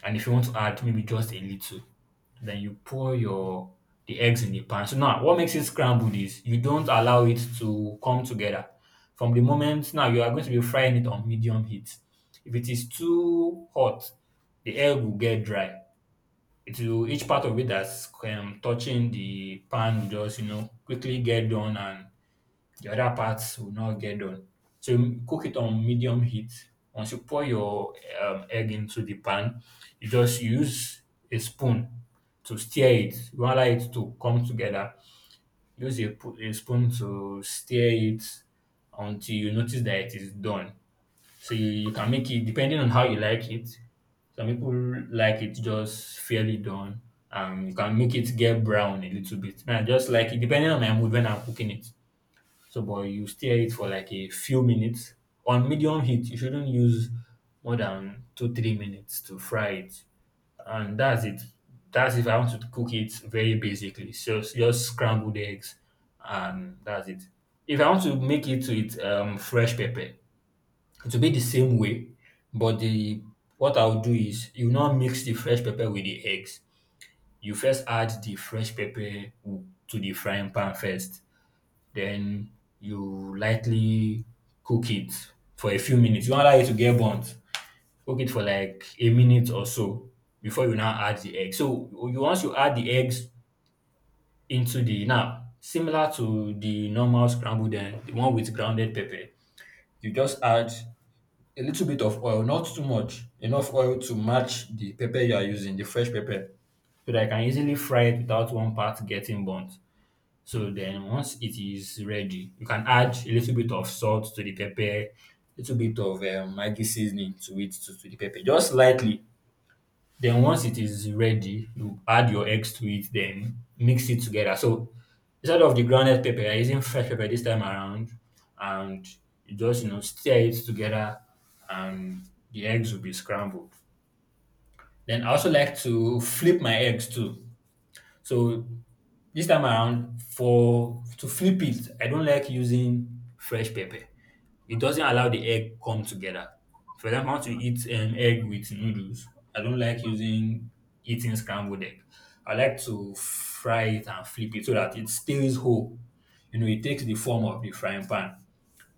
Speaker 2: And if you want to add maybe just a little. Then you pour your the eggs in the pan. So now what makes it scrambled is you don't allow it to come together. From the moment now you are going to be frying it on medium heat. If it is too hot, the egg will get dry. It will each part of it that's touching the pan will just quickly get done and the other parts will not get done. So you cook it on medium heat. Once you pour your egg into the pan, you just use a spoon to stir it. You want it to come together. Use a spoon to stir it until you notice that it is done. So you can make it depending on how you like it. Some people like it just fairly done. You can make it get brown a little bit. Man, I just like it depending on my mood when I'm cooking it. So, but you stir it for like a few minutes on medium heat. You shouldn't use more than two, 3 minutes to fry it. And that's it. That's if I want to cook it very basically. So it's just scrambled eggs and that's it. If I want to make it with fresh pepper, it will be the same way, but the what I'll do is you now mix the fresh pepper with the eggs. You first add the fresh pepper to the frying pan first then you lightly cook it for a few minutes. You will allow it to get burnt. Cook it for like a minute or so before you now add the egg. So you once you add the eggs into the now similar to the normal scrambled egg, the one with grounded pepper, you just add a little bit of oil, not too much, enough oil to match the pepper you are using, the fresh pepper, so that I can easily fry it without one part getting burnt. So then once it is ready, you can add a little bit of salt to the pepper, little bit of Maggi seasoning to it to the pepper, just lightly. Then once it is ready, you add your eggs to it, then mix it together. So instead of the grounded pepper, I are using fresh pepper this time around, and you just stir it together, and the eggs will be scrambled. Then I also like to flip my eggs too. So this time around, for to flip it, I don't like using fresh pepper. It doesn't allow the egg come together. For example, I want to eat egg with noodles. I don't like using eating scrambled egg. I like to fry it and flip it so that it stays whole. You know, it takes the form of the frying pan.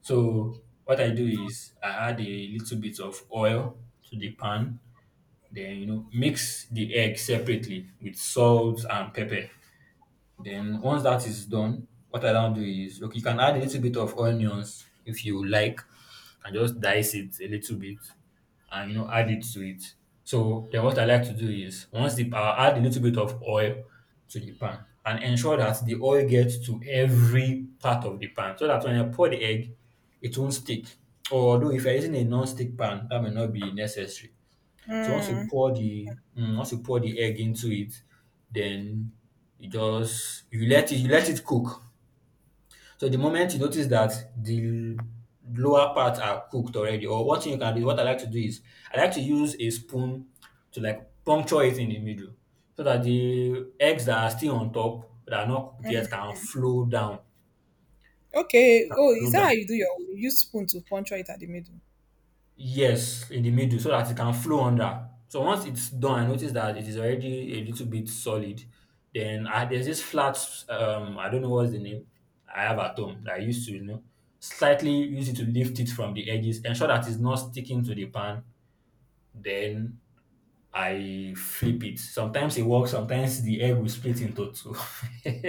Speaker 2: So what I do is I add a little bit of oil to the pan, then mix the egg separately with salt and pepper. Then once that is done, what I now do is okay, you can add a little bit of onions if you like, and just dice it a little bit and add it to it. So then what I like to do is once the I add a little bit of oil to the pan and ensure that the oil gets to every part of the pan so that when I pour the egg, it won't stick. Although if you're using a non-stick pan, that may not be necessary. So once you
Speaker 1: Mm.
Speaker 2: pour the once you pour the egg into it, then you just you let it cook. So the moment you notice that the lower parts are cooked already, or one thing you can do, what I like to do is I like to use a spoon to puncture it in the middle so that the eggs that are still on top that are not cooked yet can flow down.
Speaker 1: Okay.
Speaker 2: Can
Speaker 1: Oh,
Speaker 2: flow
Speaker 1: is that how
Speaker 2: down.
Speaker 1: you do your, you use spoon to puncture it at the middle?
Speaker 2: Yes, in the middle so that it can flow under. So once it's done, I notice that it is already a little bit solid. Then there's this flat, I don't know what's the name I have at home that I used to, slightly use it to lift it from the edges, ensure that it's not sticking to the pan. Then I flip it. Sometimes it works, sometimes the egg will split into two.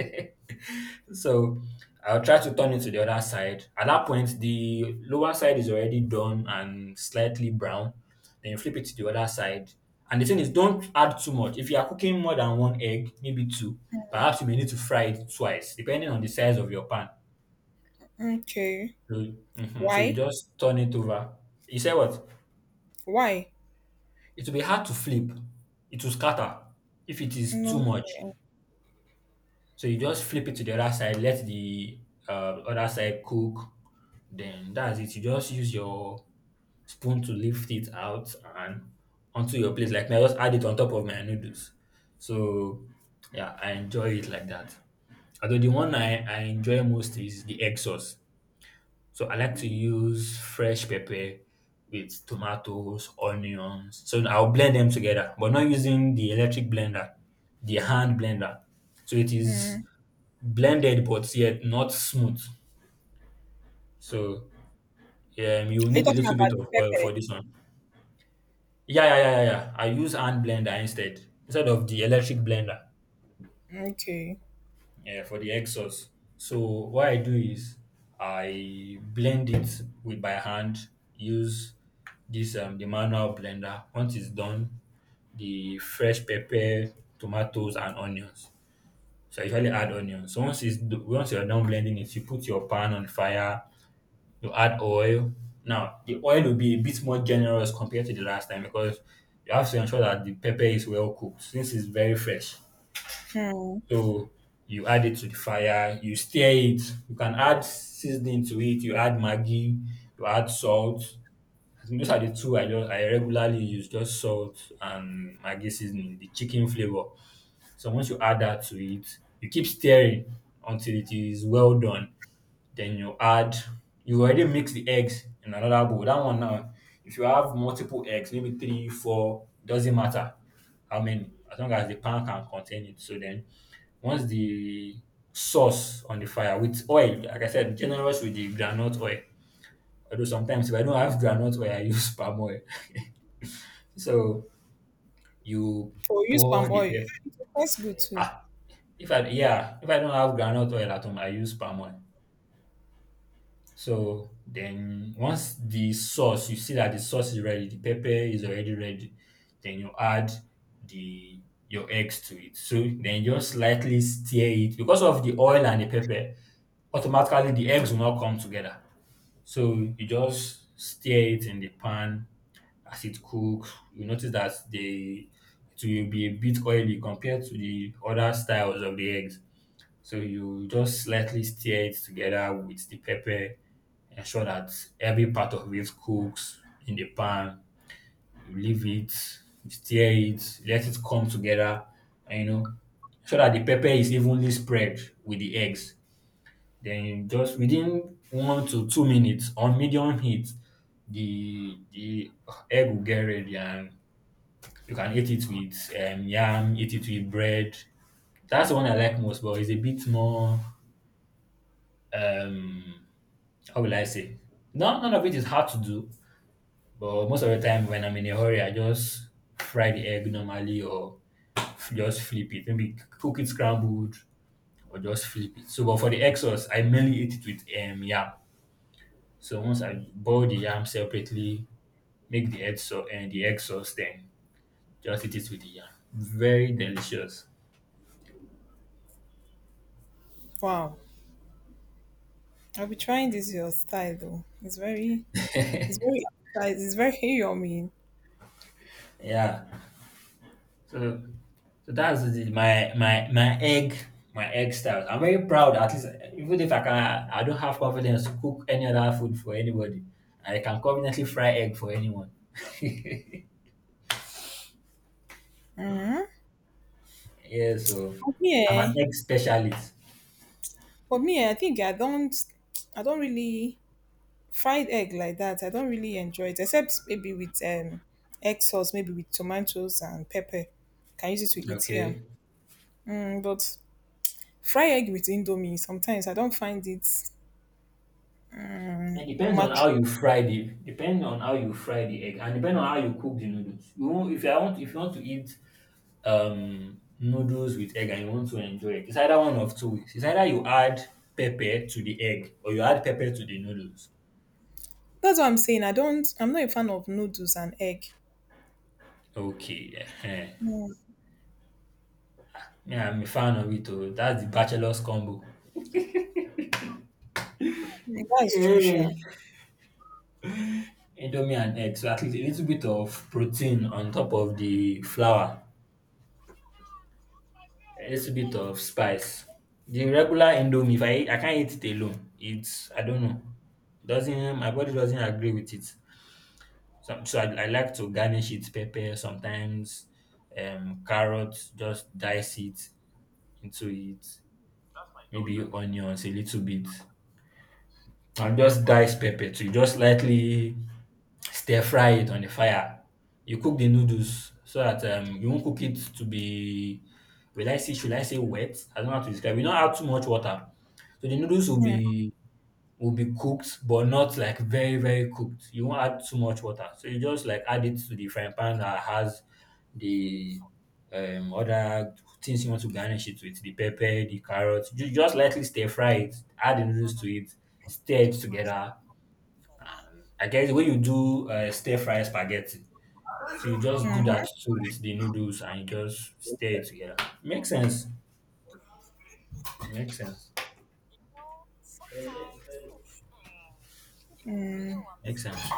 Speaker 2: So I'll try to turn it to the other side. At that point, the lower side is already done and slightly brown. Then you flip it to the other side. And the thing is, don't add too much. If you are cooking more than one egg, maybe two, perhaps you may need to fry it twice, depending on the size of your pan.
Speaker 1: Okay.
Speaker 2: So, mhm. So you
Speaker 1: Why?
Speaker 2: just turn it over. You say what?
Speaker 1: Why?
Speaker 2: It will be hard to flip. It will scatter if it is
Speaker 1: No.
Speaker 2: too much.
Speaker 1: Okay.
Speaker 2: So you just flip it to the other side, let the other side cook. Then that's it. You just use your spoon to lift it out and onto your plate. Like now, just add it on top of my noodles. So yeah, I enjoy it like that. Although the one I enjoy most is the egg sauce. So I like to use fresh pepper with tomatoes, onions. So I'll blend them together, but not using the electric blender, the hand blender. So it is
Speaker 1: Mm.
Speaker 2: blended but yet not smooth. So yeah, you will
Speaker 1: Are you
Speaker 2: need a
Speaker 1: talking
Speaker 2: little bit
Speaker 1: about the
Speaker 2: of oil for
Speaker 1: pepper?
Speaker 2: this one. Yeah, yeah, yeah, yeah, yeah. I use hand blender instead of the electric blender.
Speaker 1: Okay.
Speaker 2: Yeah, for the egg sauce. So what I do is I blend it with by hand. Use this the manual blender. Once it's done, the fresh pepper, tomatoes, and onions. So I usually add onions. So once once you're done blending it, you put your pan on fire. You add oil. Now the oil will be a bit more generous compared to the last time because you have to ensure that the pepper is well cooked since it's very fresh.
Speaker 1: Mm.
Speaker 2: So you add it to the fire, you stir it. You can add seasoning to it. You add maggi, you add salt. I think those are the two I regularly use, just salt and maggi seasoning, the chicken flavor. So once you add that to it, you keep stirring until it is well done. Then you already mix the eggs in another bowl. That one now, if you have multiple eggs, maybe three, four, doesn't matter how many, as long as the pan can contain it. So then once the sauce on the fire with oil, like I said, generous with the groundnut oil. Although sometimes if I don't have groundnut oil, I use palm oil. So you
Speaker 1: Oh, use
Speaker 2: pour
Speaker 1: palm
Speaker 2: the
Speaker 1: oil.
Speaker 2: pepper.
Speaker 1: It tastes good too.
Speaker 2: Ah, if I yeah, if I don't have groundnut oil at home, I use palm oil. So then once the sauce, you see that the sauce is ready, the pepper is already ready, then you add the your eggs to it. So then just slightly stir it because of the oil and the pepper, automatically the eggs will not come together. So you just stir it in the pan as it cooks. You notice that the it will be a bit oily compared to the other styles of the eggs. So you just slightly stir it together with the pepper, ensure that every part of it cooks in the pan. You leave it, you stir it, let it come together, and you know, so that the pepper is evenly spread with the eggs. Then you just within 1 to 2 minutes on medium heat, the egg will get ready and you can eat it with yam, eat it with bread. That's the one I like most, but it's a bit more um how will I say? Not none of it is hard to do, but most of the time when I'm in a hurry, I just fry the egg normally or just flip it. Maybe cook it scrambled or just flip it. So, but for the egg sauce, I mainly eat it with yam. So once I boil the yam separately, make the egg sauce and the egg sauce, then just eat it with the yam. Very delicious.
Speaker 1: Wow. I'll be trying this your style though. It's very, it's very appetizing. It's very yummy.
Speaker 2: Yeah. So, so that's my my my egg style. I'm very proud. At least, even if I can, I don't have confidence to cook any other food for anybody. I can confidently fry egg for anyone. Yeah,
Speaker 1: Mm-hmm.
Speaker 2: so I'm an
Speaker 1: Okay.
Speaker 2: egg specialist.
Speaker 1: For me, eh, I think I don't, I don't really fried egg like that. I don't really enjoy it except maybe with egg sauce, maybe with tomatoes and pepper. Can use it to eat here.
Speaker 2: Okay.
Speaker 1: Mm, but fry egg with indomie sometimes I don't find it
Speaker 2: It depends on how
Speaker 1: matchy.
Speaker 2: you fry the depends on how you fry the egg and depends on how you cook the noodles. You won't, if you want to eat noodles with egg and you want to enjoy it, it's either one of two ways. It's either you add pepper to the egg or you add pepper to the noodles.
Speaker 1: That's what I'm saying. I don't, I'm not a fan of noodles and egg.
Speaker 2: Okay, ehen.
Speaker 1: Mm,
Speaker 2: Yeah, I'm a fan of it. Oh. That's the bachelor's combo.
Speaker 1: mm, that's true, sure.
Speaker 2: Yay! Indomie and egg. So at least a little bit of protein on top of the flour, a little bit of spice. The regular Indomie, if I eat, I can't eat it alone. It's I don't know. It doesn't my body doesn't agree with it. So, so I like to garnish it pepper sometimes, carrots, just dice it into it, maybe onions a little bit, and just dice pepper to just lightly stir fry it on the fire. You cook the noodles so that you won't cook it to be, should I say wet? I don't know how to describe. You don't add too much water. So the noodles
Speaker 1: Mm,
Speaker 2: will be cooked, but not like very, very cooked. You won't add too much water. So you just like add it to the frying pan that has the other things you want to garnish it with, the pepper, the carrots. You just lightly stir fry it, add the noodles to it, stir it together. And I guess the way you do stir fry spaghetti. So you just do that
Speaker 1: mhm,
Speaker 2: too with the noodles and you just stir it together. Makes sense. Makes sense.
Speaker 1: mm.
Speaker 2: Makes sense.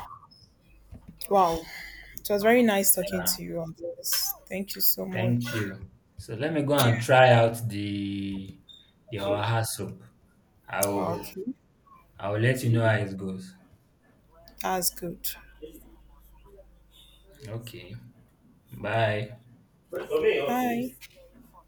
Speaker 1: Wow. It was very nice talking
Speaker 2: Yeah.
Speaker 1: to you on this. Thank you so much.
Speaker 2: Thank you. So let me go and try out the
Speaker 1: Yeah.
Speaker 2: Oaha soup. I will
Speaker 1: Okay.
Speaker 2: I will let you know how it goes.
Speaker 1: That's good.
Speaker 2: Okay. Bye.
Speaker 1: But for me, okay, bye.